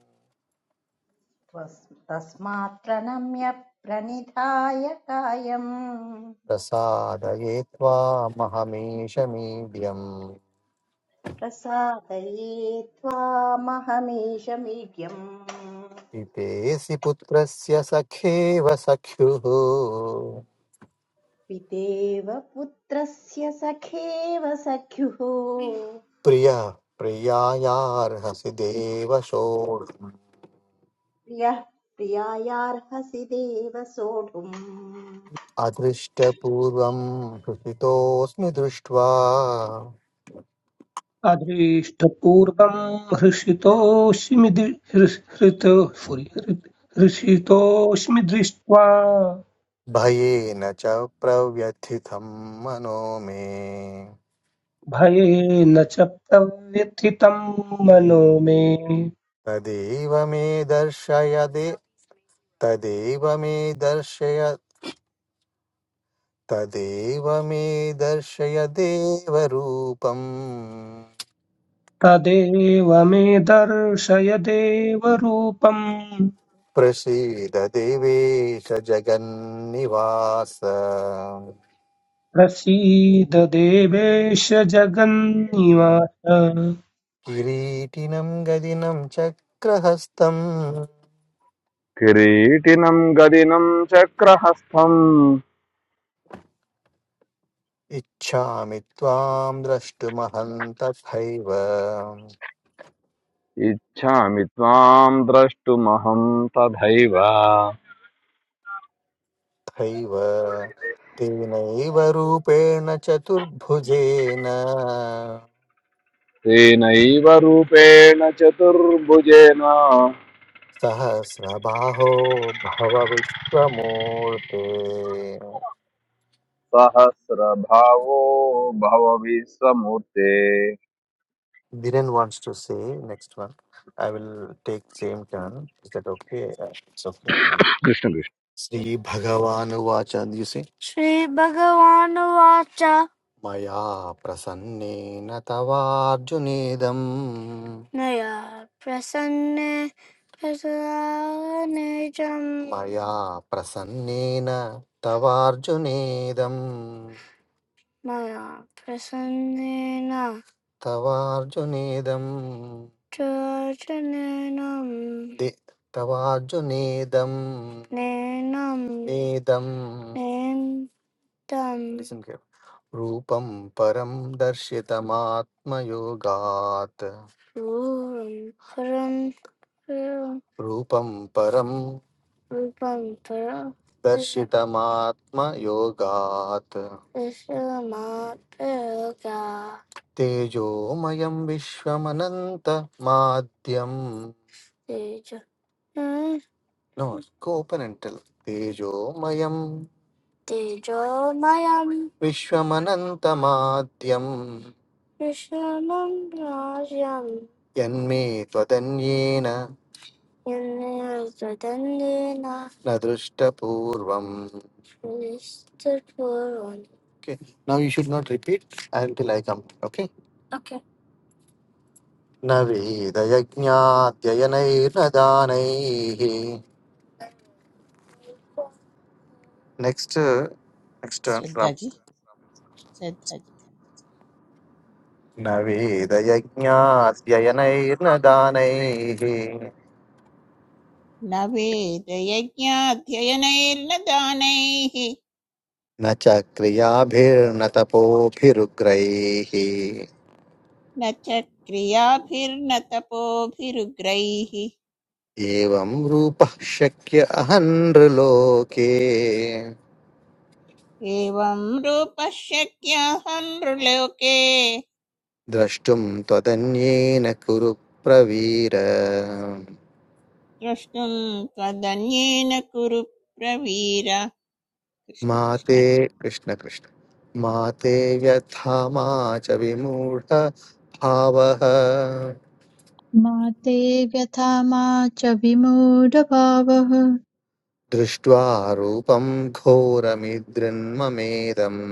Speaker 5: तस्मात् प्रणम्य प्रणिधाय कायम्
Speaker 6: प्रसादये त्वामहमीशमीड्यम्
Speaker 5: प्रसादये त्वामहमीशमीड्यम्
Speaker 6: पितेऽसि पुत्रस्य सखेव सख्युः
Speaker 5: पितेव पुत्रस्य सखेव सख्युः
Speaker 6: प्रिय प्रियायार्हसि देव
Speaker 5: प्रियः प्रियायार्हसि देव सोढुम्
Speaker 6: अदृष्टपूर्वं हृषितोऽस्मि दृष्ट्वा
Speaker 7: अदृष्टपूर्वम् हृषितोऽस्मि दृ- हृ- हृतो sorry, हृ- हृषितोऽस्मि दृष्ट्वा
Speaker 6: भयेन च प्रव्यथितं मनो मे
Speaker 7: भयेन च प्रव्यथितं मनो मे
Speaker 6: तदेव मे दर्शय दे तदेव मे दर्शय तदेव मे दर्शय देवरूपम्
Speaker 7: तदेव मे दर्शय देवरूपम्
Speaker 6: प्रसीद देवेश जगन्निवास
Speaker 7: प्रसीद देवेश जगन्निवास
Speaker 6: किरीटिनं गदिनं चक्रहस्तम्
Speaker 8: किरीटिनं गदिनं चक्रहस्तम्
Speaker 6: इच्छामि त्वां द्रष्टुमहन्तथैव
Speaker 8: इच्छामि त्वां द्रष्टुमहं तथैव
Speaker 6: थैव तेनैव रूपेण चतुर्भुजेन
Speaker 8: तेनैव रूपेण चतुर्भुजेन
Speaker 6: सहस्रबाहो भव विश्वमूर्ते
Speaker 8: सहस्रभावो भव विश्वमूर्ते
Speaker 6: Dhiren wants to say next one. I will take same turn. Is that okay? Uh, It's okay.
Speaker 8: Krishna Krishna
Speaker 6: श्रीभगवानुवाच द्युषि श्रीभगवानुवाच मया प्रसन्नेन तवार्जुनेदम् नया प्रसन्ने प्रसन्नेजम् मया प्रसन्नेन तवार्जुनेदम् मया प्रसन्नेन तवार्जुनेदम् चार्जुनेनं दे- तवार्जुनेदम् नेनं नेदम् नेन्दं Listen carefully. रूपं परं दर्शितमात्मयोगात् पूर्वं रूपं रूपं परं परं दर्शितमात्मयोगात् विश्वमात्रगा तेजोमयं विश्वमनन्तमाद्यं तेज नो कोपनेण्टल् तेजोमयं तेजोमयं विश्वमनन्तमाद्यं विश्वमं राज्यं यन्मे त्वदन्येन यन्निर्वृदन्नेन न drushtapurvam. दृष्टपूर्वम् श्रीस्तत्पूर्वम् Okay. Now you should not repeat until I come. Okay. Okay न वेदयज्ञाध्ययनैर्न दानैः नेक्स्ट नेक्स्ट राम न वेदयज्ञाध्ययनैर्न दानैः
Speaker 2: न वेदयज्ञाध्ययनैर्न दानैः
Speaker 6: न च क्रियाभिर्न तपोभिरुग्रैः
Speaker 2: न च क्रियाभिर्न तपोभिरुग्रैः
Speaker 6: एवं रूपः शक्य अहन्नृलोके
Speaker 2: एवं रूपः शक्यः नृलोके
Speaker 6: द्रष्टुं त्वदन्येन कुरु प्रवीर
Speaker 2: द्रष्टुं त्वदन्येन कुरु प्रवीर कृष्ण
Speaker 6: मा ते
Speaker 2: कृष्ण
Speaker 6: कृष्ण कृष्ण मा ते व्यथा मा च विमूढ भावः
Speaker 3: मा ते व्यथा मा च विमूढभावः
Speaker 6: दृष्ट्वा रूपं घोरमिदृन्ममेदम्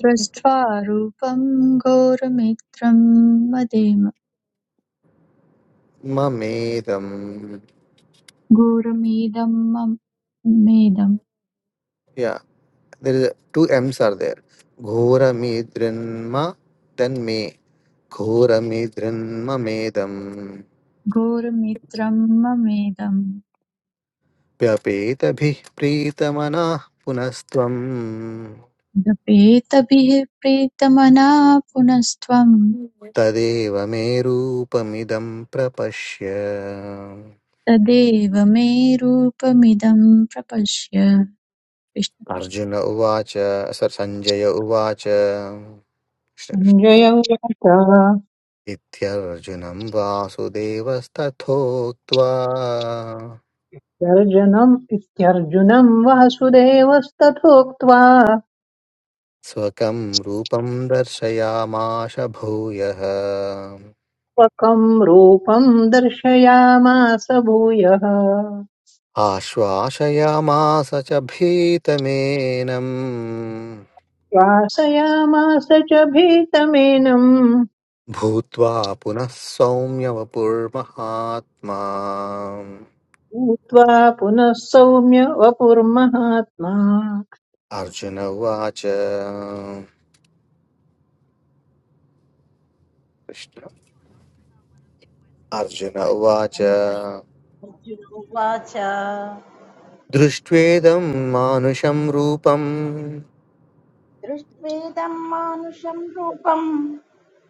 Speaker 3: दृष्ट्वा रूपं घोरमित्रं मदेम
Speaker 6: ममेदम्
Speaker 3: घोरमिदं मम मेदम्
Speaker 6: There is a, two M's are there. Ghoramidrinma then me. Ghoramidrinma medam.
Speaker 3: घोरमित्रं ममेदम्
Speaker 6: Vyapetabi pritamana punastvam.
Speaker 3: जपेतभिः प्रीतमना पुनस्त्वं
Speaker 6: तदेव मे रूपमिदं प्रपश्य
Speaker 3: तदेव मे रूपमिदं प्रपश्य कृष्ण कृष्ण
Speaker 6: अर्जुन उवाच स सञ्जय उवाच कृष्ण कृष्ण।
Speaker 4: सञ्जय उवाच
Speaker 6: इत्यर्जुनं वासुदेवस्तथोक्त्वा
Speaker 4: गर्जनम् इत्यर्जुनम् वासुदेवस्तथोक्त्वा
Speaker 6: स्वकं रूपं दर्शयामाश भूयः
Speaker 4: त्वकम् रूपम् दर्शयामास भूयः
Speaker 6: आश्वासयामास च भीतमेनम्
Speaker 4: श्वासयामास च भीतमेनम्
Speaker 6: भूत्वा पुनः सौम्यवपुर्महात्मा
Speaker 4: भूत्वा पुनः सौम्य वपुर्महात्मा
Speaker 6: अर्जुन उवाच कृष्ण अर्जुन उवाच
Speaker 5: अर्जुनोवाच
Speaker 6: दृष्ट्वेदं मानुषं रूपं
Speaker 5: दृष्ट्वेदम् मानुषम् रूपम्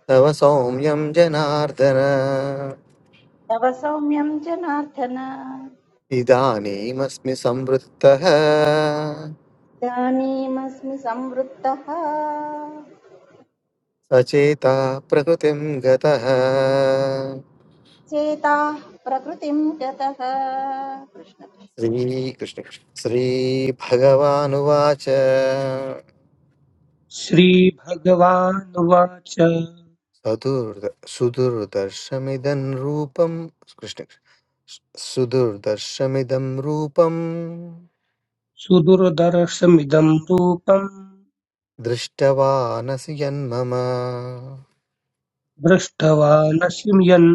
Speaker 6: तव सौम्यं जनार्दन
Speaker 5: तव सौम्यम् जनार्दन
Speaker 6: इदानीमस्मि संवृत्तः
Speaker 5: इदानीमस्मि संवृत्तः
Speaker 6: सचेता प्रकृतिं गतः
Speaker 5: चेता प्रकृतिं गतः कृष्ण
Speaker 6: श्रीकृष्ण श्रीभगवानुवाच
Speaker 7: श्रीभगवानुवाच
Speaker 6: सदुर्द सुदुर्दर्शमिदं रूपं कृष्ण सुदुर्दर्शमिदं रूपं
Speaker 7: सुदुर्दर्शमिदं रूपम्
Speaker 6: दृष्टवानसि यन्मम
Speaker 7: दृष्टवानसि यन्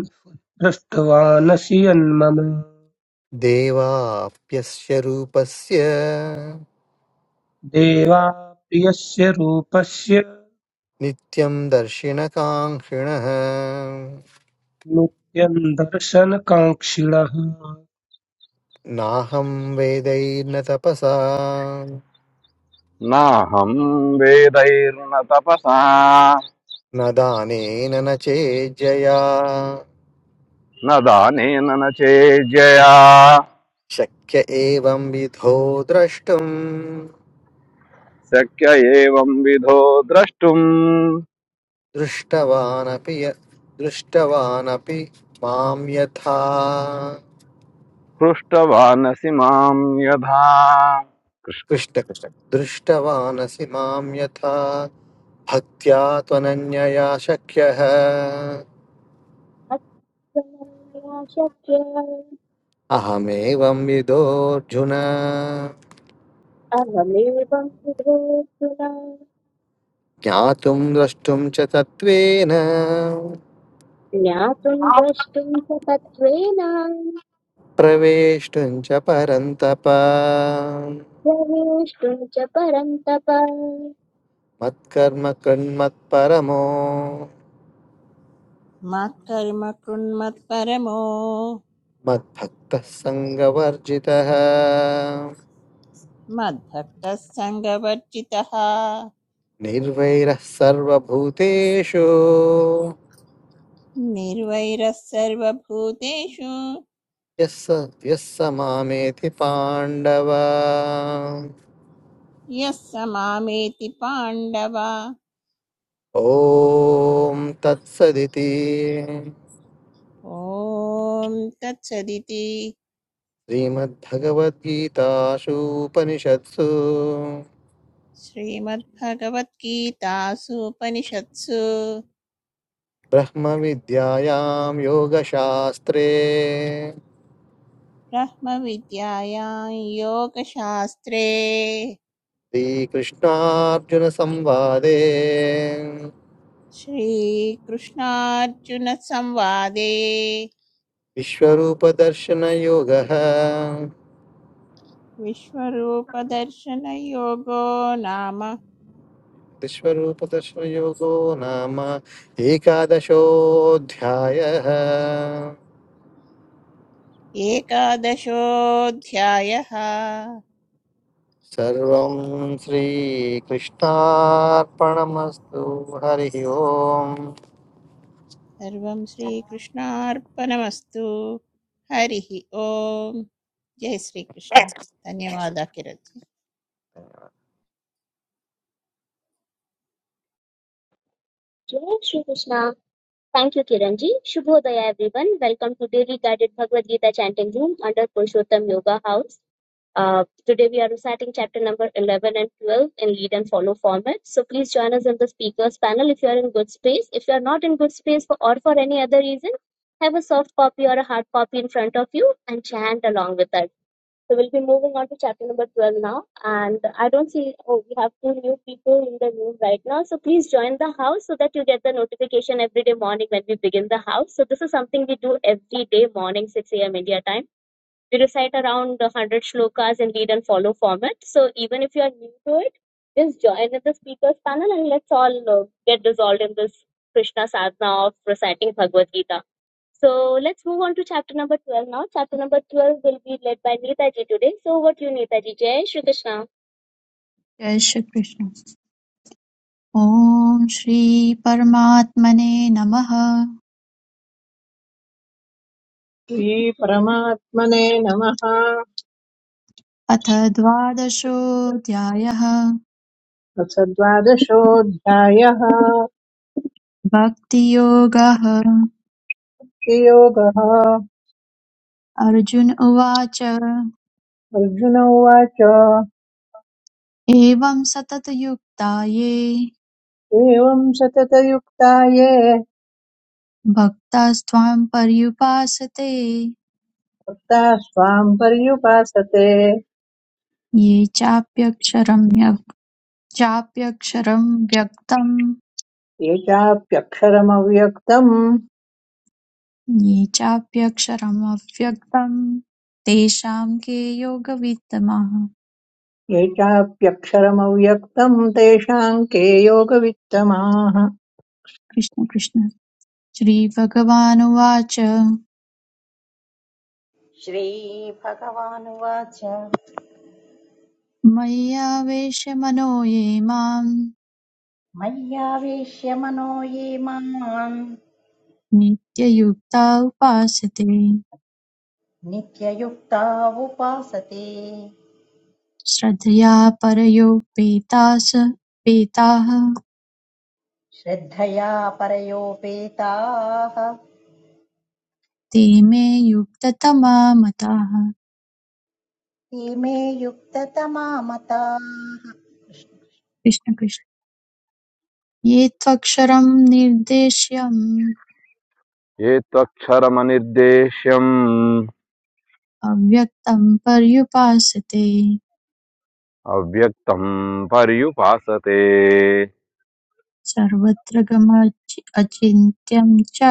Speaker 7: दृष्टवानसि यन्मम
Speaker 6: देवाप्यस्य रूपस्य
Speaker 7: देवा प्रियस्य रूपस्य
Speaker 6: नित्यं दर्शिणकाङ्क्षिणः
Speaker 7: नित्यं दर्शनकाङ्क्षिणः
Speaker 6: नाहं वेदैर्न तपसा
Speaker 8: नाहं वेदैर्न तपसा
Speaker 6: न दानेन न चेज्जया
Speaker 8: न दानेन न चेज्यया
Speaker 6: शक्य एवं विधो द्रष्टुम्
Speaker 8: शक्य एवं विधो द्रष्टुम्
Speaker 6: दृष्टवानपि य- दृष्टवानपि मां यथा
Speaker 8: हृष्टवानसि माम् यथा कृष्णकृष्ण
Speaker 6: कृष्ण कृष्ण दृष्टवानसि मां यथा भक्त्या त्वनन्यया शक्यः
Speaker 1: तत्त्वमया शक्य
Speaker 6: अहमेवं विदोऽर्जुन
Speaker 1: अहमेवम् विधेस्तुना
Speaker 6: ज्ञातुं द्रष्टुं च तत्त्वेन
Speaker 1: ज्ञातुम् द्रष्टुम् च तत्त्वेन
Speaker 6: प्रवेष्टुं च परन्तप
Speaker 1: Sarveshvara Parantapa.
Speaker 6: मत्कर्म कृन्मत्परमो
Speaker 2: मत्कर्म कृन्मत्परमो
Speaker 6: मद्भक्तः सङ्गवर्जितः
Speaker 2: मद्भक्तः सङ्गवर्जितः
Speaker 6: निर्वैरः सर्वभूतेषु
Speaker 2: निर्वैरः सर्वभूतेषु
Speaker 6: यः स- यः स मामेति पाण्डव
Speaker 2: यः स मामेति पाण्डव
Speaker 6: ॐ तत्सदिति
Speaker 2: ॐ तत्सदिति
Speaker 6: श्रीमद्भगवद्गीतासूपनिषत्सु
Speaker 2: श्रीमद्भगवद्गीतासूपनिषत्सु
Speaker 6: ब्रह्मविद्यायां योगशास्त्रे
Speaker 2: ब्रह्मविद्यायां योगशास्त्रे
Speaker 6: श्रीकृष्णार्जुनसंवादे
Speaker 2: श्रीकृष्णार्जुनसंवादे
Speaker 6: विश्वरूपदर्शनयोगः
Speaker 2: विश्वरूपदर्शनयोगो नाम
Speaker 6: विश्वरूपदर्शनयोगो नाम एकादशोऽध्यायः
Speaker 2: एकादशोऽध्यायः
Speaker 6: सर्वं श्रीकृष्णार्पणमस्तु हरिः ओम्
Speaker 2: सर्वं श्रीकृष्णार्पणमस्तु हरिः ओम् जय श्रीकृष्ण धन्यवादः किरति
Speaker 1: Jai Shri Krishna. Thank you, Kiranji. Shubhodaya, everyone. Welcome to Daily Guided Bhagavad Gita Chanting Room under Purushottam Yoga House. Uh, today we are reciting chapter number 11 and 12 in lead and follow format. So please join us in the speakers panel if you are in good space. If you are not in good space for, or for any other reason, have a soft copy or a hard copy in front of you and chant along with us. So we'll be moving on to chapter number 12 now. And I don't see, oh, we have two new people in the room right now. So please join the house so that you get the notification every day morning when we begin the house. So this is something we do every day morning, 6 a.m. India time. We recite around 100 shlokas in lead and follow format. So even if you are new to it, just join in the speakers panel and let's all uh, get dissolved in this Krishna sadhana of reciting Bhagavad Gita. So let's move on to chapter number 12 now. Chapter number 12 will be led by Neetaji today. So over to you, Neetaji. Jai Shri Krishna.
Speaker 3: जय श्रीकृष्ण ॐ श्रीपरमात्मने नमः
Speaker 4: श्रीपरमात्मने नमः
Speaker 3: अथ द्वादशोऽध्यायः
Speaker 4: अथ द्वादशोऽध्यायः
Speaker 3: भक्तियोगः
Speaker 4: योगः
Speaker 3: अर्जुन उवाच
Speaker 4: अर्जुन उवाच
Speaker 3: एवं सततयुक्ता ये
Speaker 4: एवम् सततयुक्ता ये
Speaker 3: भक्तास्त्वां पर्युपासते
Speaker 4: ता स्वाम् पर्युपासते
Speaker 3: ये चाप्यक्षरं व्यक्- चाप्यक्षरं व्यक्तं
Speaker 4: ये चाप्यक्षरमव्यक्तम्
Speaker 3: ये चाप्यक्षरमव्यक्तं तेषां के योगवित्तमः
Speaker 4: ये चाप्यक्षरमव्यक्तम् तेषाम् के योगवित्तमाः
Speaker 3: कृष्ण कृष्ण श्रीभगवानुवाच
Speaker 5: श्रीभगवानुवाच
Speaker 3: मय्यावेशमनो ये माम्
Speaker 5: मय्यावेश्य मनो ये माम्
Speaker 3: नित्ययुक्ता उपासते
Speaker 5: नित्ययुक्ता उपासते
Speaker 3: श्रद्धया परयोपेतास पेताः
Speaker 5: श्रद्धया परयोपेताः
Speaker 3: ते मे युक्ततमा मताः
Speaker 5: ते मे युक्ततमा मताः
Speaker 3: कृष्ण कृष्ण ये त्वक्षरं निर्देश्यम्
Speaker 8: ये त्वक्षरमनिर्देश्यम्
Speaker 3: अव्यक्तं पर्युपासते
Speaker 8: अव्यक्तम् पर्युपासते
Speaker 3: सर्वत्र गमच्- अचिन्त्यं च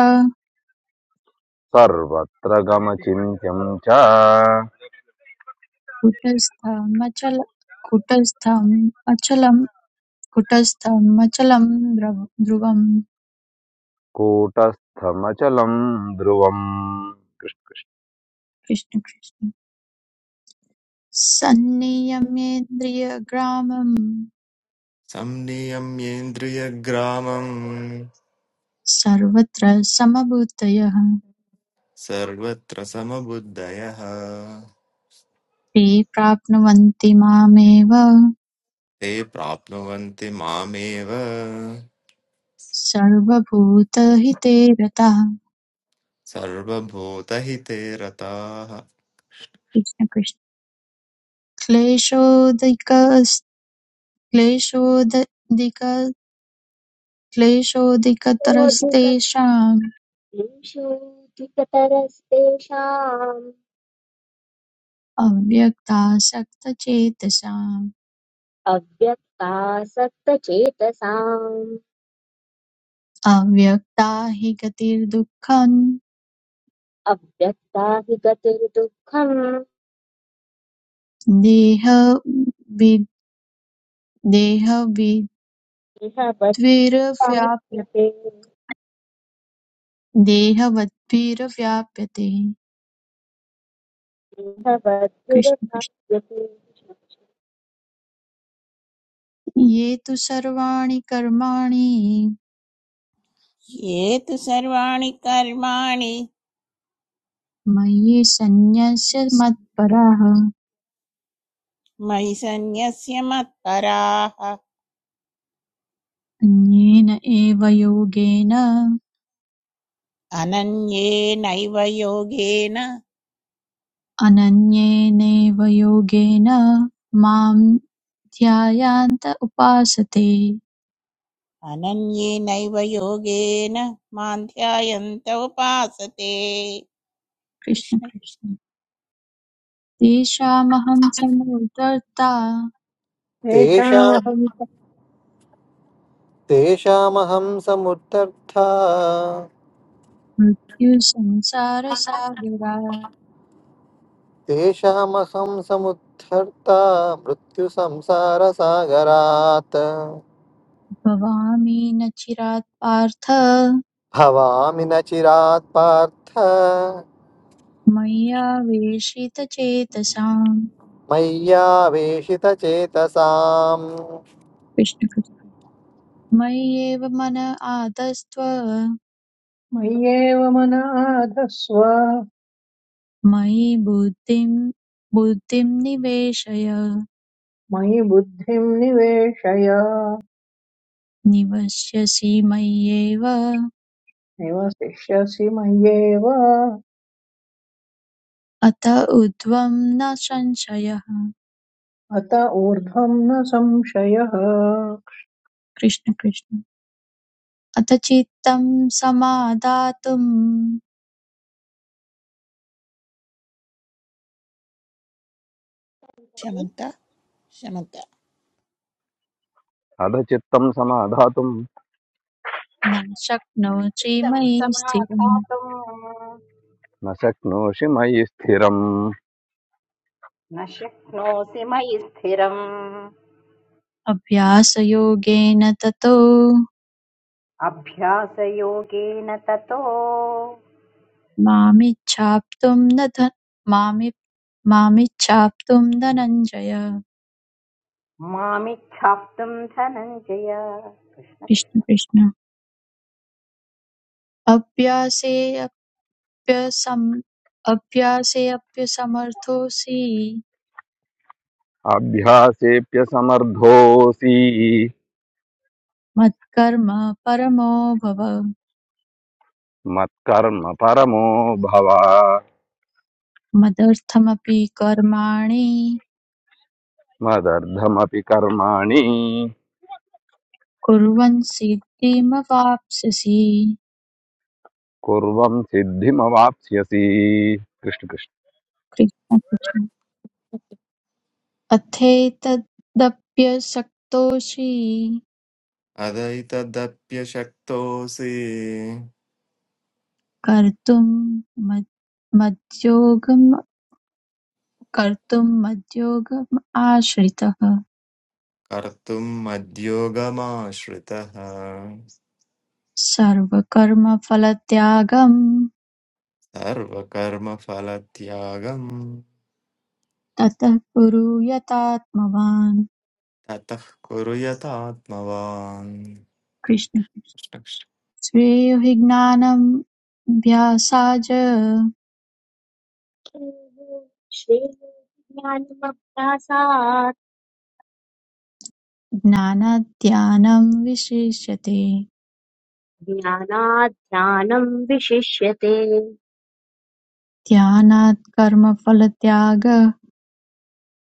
Speaker 8: सर्वत्र गमचिन्त्यम् च
Speaker 3: कुटस्थमचल कुटस्थम् अचलं कुटस्थं मचलं द्रव- ध्रुवं
Speaker 8: कूटस्थमचलम् ध्रुवम् कृष्ण
Speaker 3: कृष्ण कृष्ण सन्नियमेन्द्रियग्रामं
Speaker 9: संनियम्येन्द्रियग्रामं
Speaker 3: सर्वत्र समभूतयः
Speaker 9: सर्वत्र समबुद्धयः
Speaker 3: ते प्राप्नुवन्ति मामेव
Speaker 9: ते प्राप्नुवन्ति मामेव
Speaker 3: सर्वभूतहिते रताः
Speaker 9: सर्वभूतहिते रताः
Speaker 3: कृष्ण कृष्ण क्लेशोदिक क्लेशोदिक क्लेशोदिकतरस्तेषाम् अव्यक्तासक्तचेतसाम् अव्यक्ता हि गतिर्दुःखम् देह वि- देहविद्विरव्याप्य देहवद्भिरव्याप्यते कृष्ण कृष्ण ये तु सर्वाणि कर्माणि
Speaker 2: ये तु सर्वाणि कर्माणि
Speaker 3: मयि सन्न्यस्य मत्पराः
Speaker 2: मयि सन्न्यस्य मत्पराः
Speaker 3: अन्येन एव योगेन
Speaker 2: अनन्येनैव योगेन
Speaker 3: अनन्येनैव योगेन मां ध्यायान्त उपासते
Speaker 2: अनन्येनैव योगेन मां ध्यायन्त उपासते
Speaker 3: कृष्ण
Speaker 2: कृष्ण कृष्ण
Speaker 3: कृष्ण तेषामहं समोदर्ता
Speaker 6: तेषा
Speaker 4: तेषामहम्
Speaker 6: तेषामहं समुद्धर्ता
Speaker 3: मृत्युसंसारसागरात्
Speaker 6: तेषामहं समुद्धर्ता मृत्युसंसारसागरात्
Speaker 3: भवामि न चिरात् पार्थ
Speaker 6: भवामि न चिरात् पार्थ
Speaker 3: मय्यावेशितचेतसाम्
Speaker 6: मय्यावेशितचेतसाम्
Speaker 3: कृष्ण कृष्ण। मय्येव मन आदस्त्व
Speaker 4: मय्येव मनाधस्व
Speaker 3: मयि बुद्धिं बुद्धिं निवेशय
Speaker 4: मयि बुद्धिम् निवेशय
Speaker 3: निवस्यसि मय्येव
Speaker 4: निवसिष्यसि मय्येव
Speaker 3: अत ऊर्ध्वं न संशयः
Speaker 4: अत ऊर्ध्वम् न संशयः
Speaker 3: कृष्ण कृष्ण अथ चित्तं समादातुं
Speaker 2: शमन्त शमन्त
Speaker 8: अधचित्तम् समाधातुम्
Speaker 3: न शक्नोषि
Speaker 5: तं
Speaker 3: मयि स्थिरम्
Speaker 5: समाधातुम्
Speaker 8: न शक्नोषि मयि स्थिरम्
Speaker 5: न शक्नोषि मयि स्थिरम्
Speaker 3: अभ्यासयोगेन ततो
Speaker 5: अभ्यासयोगेन ततो
Speaker 3: मामिच्छाप्तुं न ध- मामि मामिच्छाप्तुं धनञ्जय
Speaker 5: मामिच्छाप्तुम् धनञ्जय कृष्ण
Speaker 3: कृष्ण
Speaker 5: कृष्ण
Speaker 3: कृष्ण अभ्यासेऽप्यसम् अभ्यासेऽप्यसमर्थोऽसि
Speaker 8: अभ्यासेऽप्यसमर्थोऽसि
Speaker 3: मत्कर्म परमो भव
Speaker 8: మత్కర్మ పరమో భవ
Speaker 3: मदर्थमपि कर्माणि
Speaker 8: మదర్థమపి కర్మాణి
Speaker 3: कुर्वन् सिद्धिमवाप्स्यसि
Speaker 8: కుర్వం సిద్ధిమవాప్స్యసి కృష్ణ కృష్ణ
Speaker 3: कृष्ण कृष्ण अथेतदप्यसक्तोऽसि
Speaker 9: अदैतदप्यशक्तोऽसि
Speaker 3: कर्तुं मद् मद्योगं कर्तुं मद्योगम् आश्रितः
Speaker 9: कर्तुम् मद्योगमाश्रितः
Speaker 3: सर्वकर्मफलत्यागं
Speaker 9: सर्वकर्मफलत्यागम्
Speaker 3: ततः कुरु यतात्मवान्
Speaker 9: ततः कुरु यतात्मवान्
Speaker 3: कृष्ण श्रेयो हि ज्ञानं अभ्यासाय ज्ञानाद् विशिष्यते
Speaker 1: ज्ञानात् ज्ञानं विशिष्यते
Speaker 3: ध्यानात् कर्मफलत्यागः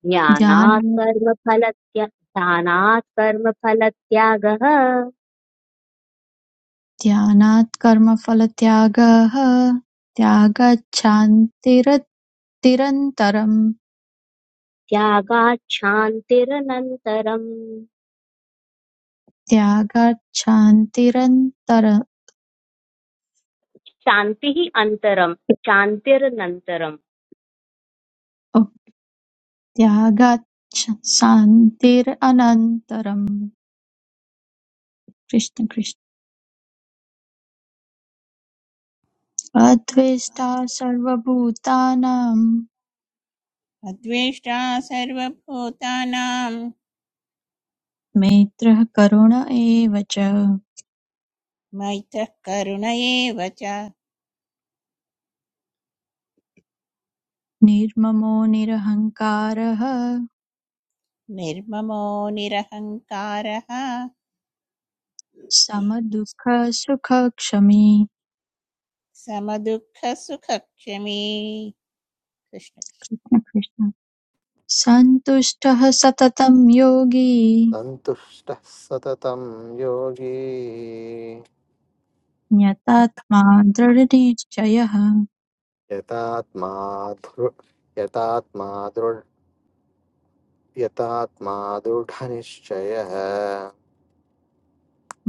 Speaker 1: ज्ञानात्
Speaker 3: ध्यानात्
Speaker 1: कर्मफलत्या ध्यानात् कर्मफलत्यागः
Speaker 3: ध्यानात् कर्मफलत्यागः त्यागाच्छान्तिरत् तिरन्तरं
Speaker 1: त्यागात् शान्तिरनन्तरम्
Speaker 3: त्यागाच्छान्तिरन्तर
Speaker 1: शान्तिः अन्तरं शान्तिरनन्तरं
Speaker 3: ओ, त्यागाच्छ शान्तिरनन्तरं कृष्ण कृष्ण अद्वेष्टा सर्वभूतानां
Speaker 2: अद्वेष्टा सर्वभूतानां
Speaker 3: मैत्रः करुण एव च
Speaker 2: मैत्रः करुण एव च
Speaker 3: निर्ममो निरहङ्कारः
Speaker 2: निर्ममो निरहङ्कारः
Speaker 3: समदुःखसुखक्षमी
Speaker 2: समदुःखसुखक्षमी कृष्णकृष्ण
Speaker 3: कृष्ण कृष्ण सन्तुष्टः सततं योगी
Speaker 6: सन्तुष्टः सततं योगी
Speaker 3: ज्ञातात्मा दृढनिश्चयः
Speaker 6: यतात्मा धृ यतात्मा दृढ यतात्मा दृढनिश्चयः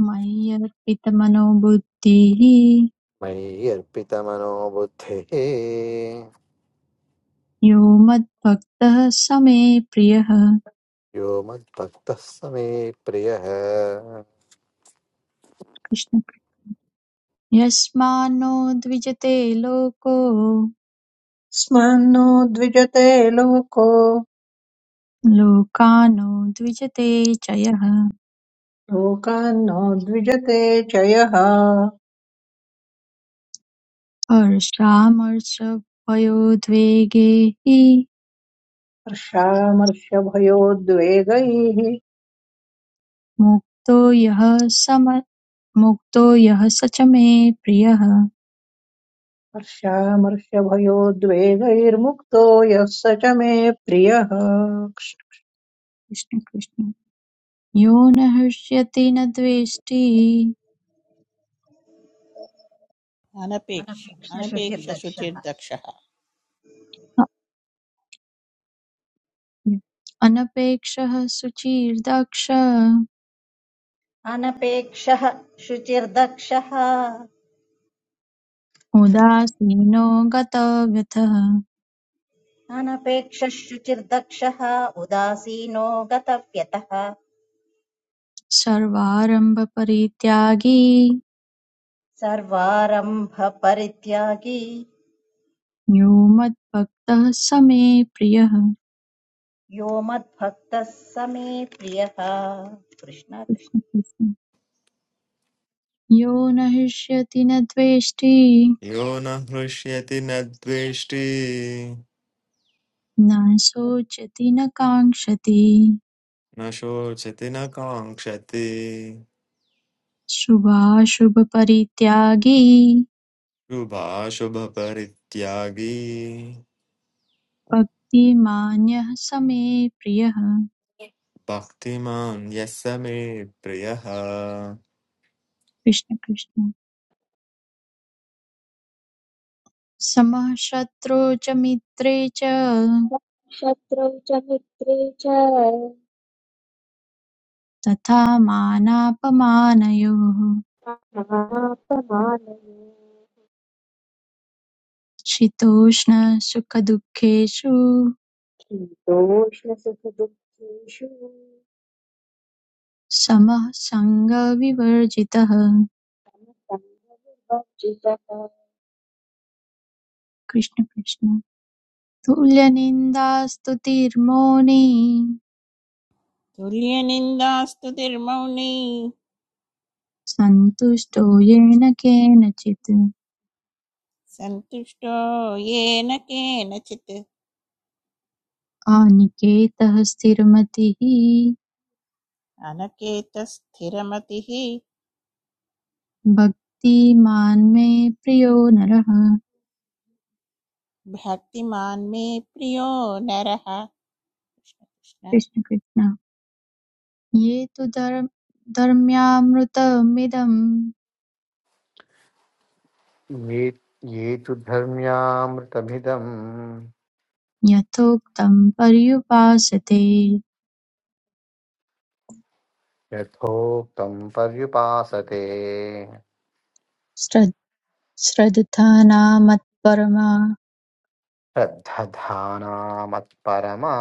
Speaker 3: मय्यर्पितमनोबुद्धिः
Speaker 6: मयि अर्पितमनोबुद्धिः
Speaker 3: यो मद्भक्तः स मे प्रियः
Speaker 6: यो मद्भक्तः स मे प्रियः
Speaker 3: कृष्ण यस्मान्नो द्विजते लोको
Speaker 4: स्मन्नो द्विजते लोको
Speaker 3: लोकानो द्विजते च यः
Speaker 4: लोकान्नो द्विजते चयः
Speaker 3: हर्षामर्षभयोद्वेगे हि
Speaker 4: हर्षामर्षभयोद्वेगैः
Speaker 3: मुक्तो यः सम मुक्तो यः स च मे प्रियः
Speaker 4: हर्षामर्षभयोद्वेगैर्मुक्तो यः स च मे प्रियः
Speaker 3: कृष्ण कृष्ण यो न हृष्यति न द्वेष्टि
Speaker 2: अनपेक्ष
Speaker 5: अनपेक्षशुचिर्दक्षः
Speaker 2: अनपेक्षश्रुतिर्दक्षः
Speaker 3: अनपेक्षः सुचिर्दक्ष
Speaker 5: अनपेक्षः शुचिर्दक्षः
Speaker 3: उदासीनो गतव्यथः
Speaker 5: अनपेक्षशुचिर्दक्षः उदासीनो गतव्यतः
Speaker 3: सर्वारम्भपरित्यागी
Speaker 5: सर्वारम्भपरित्यागी
Speaker 3: यो मद्भक्तः स मे प्रियः
Speaker 5: यो मद्भक्तः स मे प्रियः कृष्ण कृष्ण
Speaker 3: यो न हृष्यति न द्वेष्टि
Speaker 9: यो न हृष्यति न द्वेष्टि
Speaker 3: न शोचति न काङ्क्षति
Speaker 9: न शोचति न काङ्क्षति
Speaker 3: शुभाशुभपरित्यागी
Speaker 9: शुभाशुभपरित्यागी
Speaker 3: भक्तिमान्यः स मे प्रियः
Speaker 9: भक्तिमान् यः स मे प्रियः
Speaker 3: कृष्ण कृष्ण समः शत्रौ च मित्रे च
Speaker 1: शत्रौ च मित्रे च
Speaker 3: तथा मानापमानयोः
Speaker 1: समापमानये
Speaker 3: शीतोष्ण सुखदुःखेषु
Speaker 1: शीतोष्णसुखदुःखेषु
Speaker 3: समः सङ्गविवर्जितः
Speaker 1: सङ्गविवर्जितः
Speaker 3: कृष्ण कृष्ण तुल्यनिन्दास्तुतिर्मौनी
Speaker 2: तुल्यनिन्दास्तुतिर्मौनी
Speaker 3: सन्तुष्टो येन केनचित्
Speaker 2: सन्तुष्टो येन केनचित्
Speaker 3: अनिकेतः स्थिरमतिः
Speaker 2: अनकेतस्थिरमतिः
Speaker 3: भक्तिमान् मे प्रियो नरः
Speaker 2: भक्तिमान् मे प्रियो नरः कृष्ण कृष्ण
Speaker 3: कृष्ण कृष्ण ये तु धर्म धर्म्यामृतमिदं
Speaker 6: ये ये तु धर्म्यामृतभिदम्
Speaker 3: यथोक्तं पर्युपासते
Speaker 6: यथोक्तं पर्युपासते
Speaker 3: श्रद्- श्रद्धानामत्परमा
Speaker 6: श्रद्धधानामत्परमा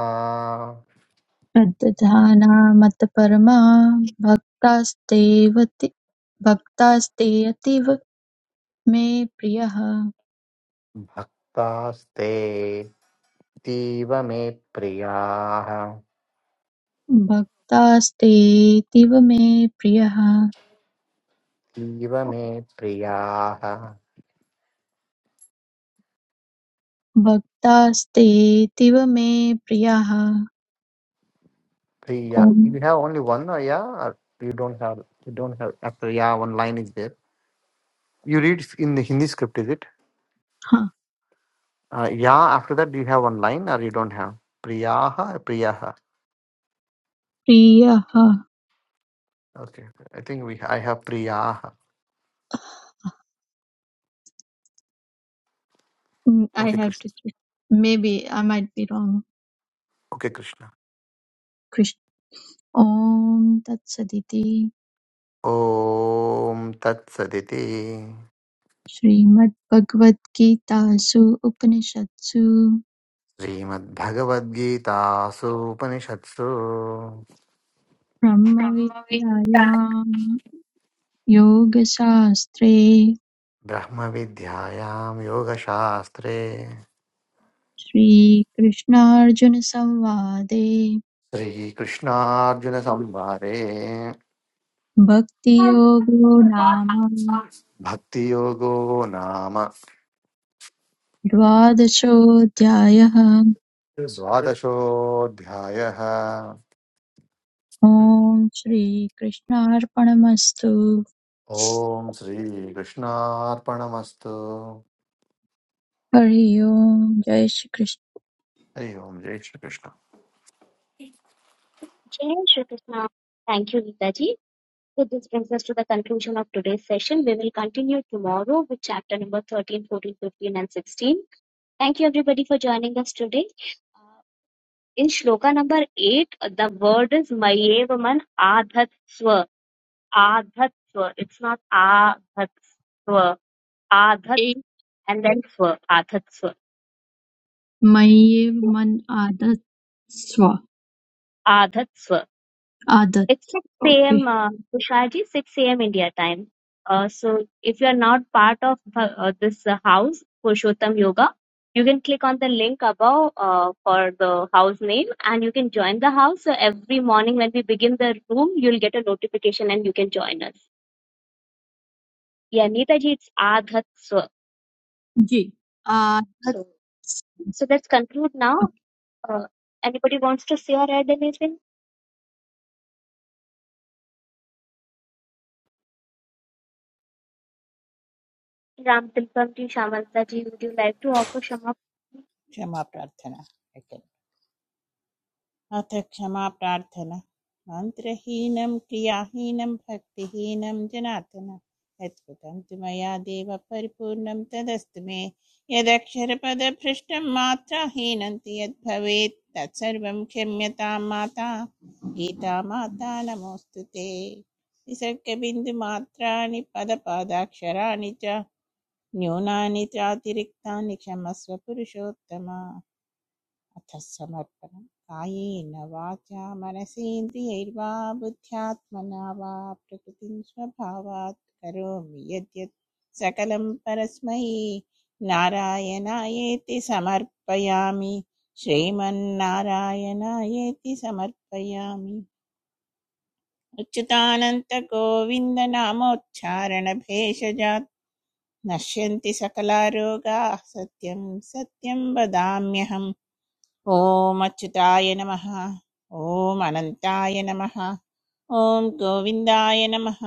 Speaker 3: श्रद्धानामत्परमा भक्तास्तेव ते- भक्तास्ते अतीव मे प्रियः
Speaker 6: भक्तास्ते तीव मे प्रियाः
Speaker 3: भक्तास्तेऽतीव मे प्रियः
Speaker 6: तीव मे प्रियाः
Speaker 3: भक्तास्तेऽतीव मे प्रियः
Speaker 6: प्रिया
Speaker 3: ॐ
Speaker 6: you have only one yeah you don't have you don't have after yeah one line is there you read in the Hindi script is it
Speaker 3: हा,
Speaker 6: yeah after that you have one line or you don't have प्रियाः प्रियाः
Speaker 3: प्रियः
Speaker 6: okay I think we I have प्रियाः
Speaker 3: Mm, I
Speaker 6: okay
Speaker 3: have to
Speaker 6: Krishna
Speaker 3: check. Maybe I might be wrong.
Speaker 6: Okay Krishna
Speaker 3: Krishna. Om Tat Saditi
Speaker 6: ॐ तत्सदिति
Speaker 3: Srimad Bhagavad Gita Su Upanishadsu
Speaker 6: श्रीमद्भगवद्गीतासूपनिषत्सु
Speaker 3: Brahma Vidyayam Yoga Shastre
Speaker 6: ब्रह्मविद्यायां योगशास्त्रे
Speaker 3: Shri Krishna Arjuna Samvade
Speaker 6: श्रीकृष्णार्जुनसंवादे
Speaker 3: Bhakti Yogo Nama
Speaker 6: भक्तियोगो नाम
Speaker 3: Dvadashodhyayah
Speaker 6: द्वादशोऽध्यायः
Speaker 3: Om Shri Krishna Arpanamastu
Speaker 6: ॐ श्रीकृष्णार्पणमस्तु
Speaker 3: हरि ओम जय श्री कृष्ण
Speaker 6: हरि ओं जय श्रीकृष्ण
Speaker 1: जय Shri Krishna thank you Gita ji. So this brings us to the conclusion of today's session. We will continue tomorrow with chapter number 13, 14, 15, and 16. Thank you everybody for joining us today. Uh, in shloka number 8, the word is Mayevaman Adhatsva. Adhatsva. It's not Adhatsva. Adhat and then Swa. Adhatsva.
Speaker 3: मय्येव मन आदत् स्व
Speaker 1: Adhatsva.
Speaker 3: आदत
Speaker 1: It's 6
Speaker 3: okay
Speaker 1: a.m. Uh, Tushaji, 6 a.m. India time. Uh, so if you are not part of uh, uh, this uh, house, Purushottam Yoga, you can click on the link above uh, for the house name and you can join the house. So every morning when we begin the room, you'll get a notification and you can join us. Yeah, Neetaji, it's Adhat Swa.
Speaker 3: जी आदत
Speaker 1: So, so let's conclude now. Uh, anybody wants to say or add anything? Ram Tilakam ji, Shyamalta ji, would you like to offer Shama
Speaker 2: क्षमा प्रार्थना Okay. अथ क्षमा प्रार्थना मन्त्रहीनं क्रियाहीनं भक्तिहीनं जनार्दन यत्कृतं तु मया देव परिपूर्णं तदस्तु मे यदक्षरपदभ्रष्टं मात्राहीनं तु यद्भवेत् तत्सर्वं क्षम्यतां माता गीता माता नमोऽस्तु ते निसर्गबिन्दुमात्राणि पदपादाक्षराणि च न्यूनानि चातिरिक्तानि क्षमस्व पुरुषोत्तम अथ समर्पणम् कायेन वाचा मनसेन्द्रियैर्वा बुद्ध्यात्मना वा प्रकृतिं स्वभावात् करोमि यद्यत् सकलं परस्मै नारायणायेति समर्पयामि श्रीमन्नारायणायेति समर्पयामि अच्युतानन्तगोविन्दनामोच्चारणभेषजात् नश्यन्ति सकलारोगाः सत्यं सत्यं वदाम्यहम् ॐ अच्युताय नमः ॐ अनन्ताय नमः ॐ गोविन्दाय नमः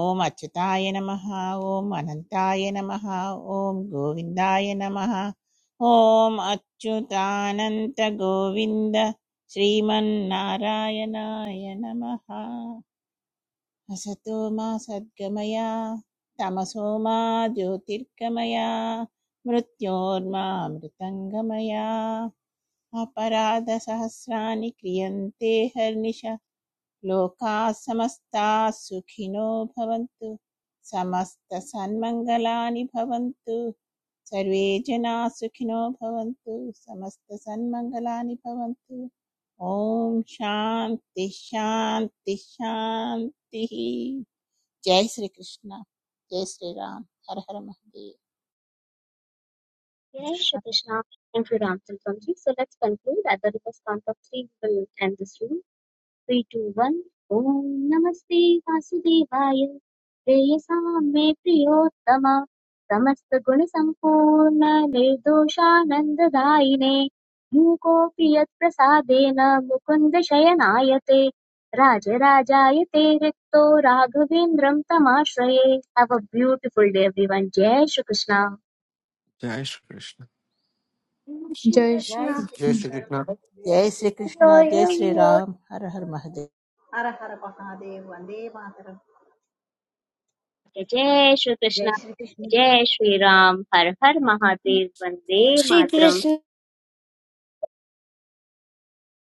Speaker 2: ॐ अच्युताय नमः ॐ अनन्ताय नमः ॐ गोविन्दाय नमः ॐ अच्युतानन्त गोविन्द श्रीमन्नारायणाय नमः असतो मा सद्गमया तमसो मा ज्योतिर्गमया मृत्योर्मा मृतङ्गमया अपराधसहस्राणि क्रियन्ते हर्निशा लोकाः समस्ताः सुखिनो भवन्तु समस्तसन्मङ्गलानि भवन्तु सर्वे जनाः सुखिनो भवन्तु समस्तसन्मङ्गलानि भवन्तु ॐ शान्ति शान्ति शान्तिः जय श्रीकृष्ण जय श्रीराम हर हर Mahadev
Speaker 1: Jai Shri Krishna. Thank you, Ram Tilkamji. So let's conclude at the reverse count of three. We will end this room. Three, two, one. Om Namaste Vasudevaya. Preyasam me priyottama. समस्त गुण संपूर्ण निर्दोषानंद दायिने मूकोऽपि यत् प्रसादेन मुकुन्द शयनायते राजराजायते रिक्तो राघवेन्द्रं तमाश्रये Have a beautiful day, everyone. Jai Shri Krishna.
Speaker 9: जय श्रीकृष्ण
Speaker 6: जय
Speaker 3: जय
Speaker 6: श्रीकृष्ण
Speaker 5: जय श्री
Speaker 6: जय
Speaker 3: श्री
Speaker 6: श्रीकृष्ण
Speaker 2: जय
Speaker 6: यो
Speaker 2: श्रीकृष्ण जय श्रीराम हर हर महादेव
Speaker 1: Jai Shri Krishna,
Speaker 5: जय Shri Krishna
Speaker 1: Jai Shri Ram, Har Har Mahadev, Bande Matram.
Speaker 6: Shri Krishna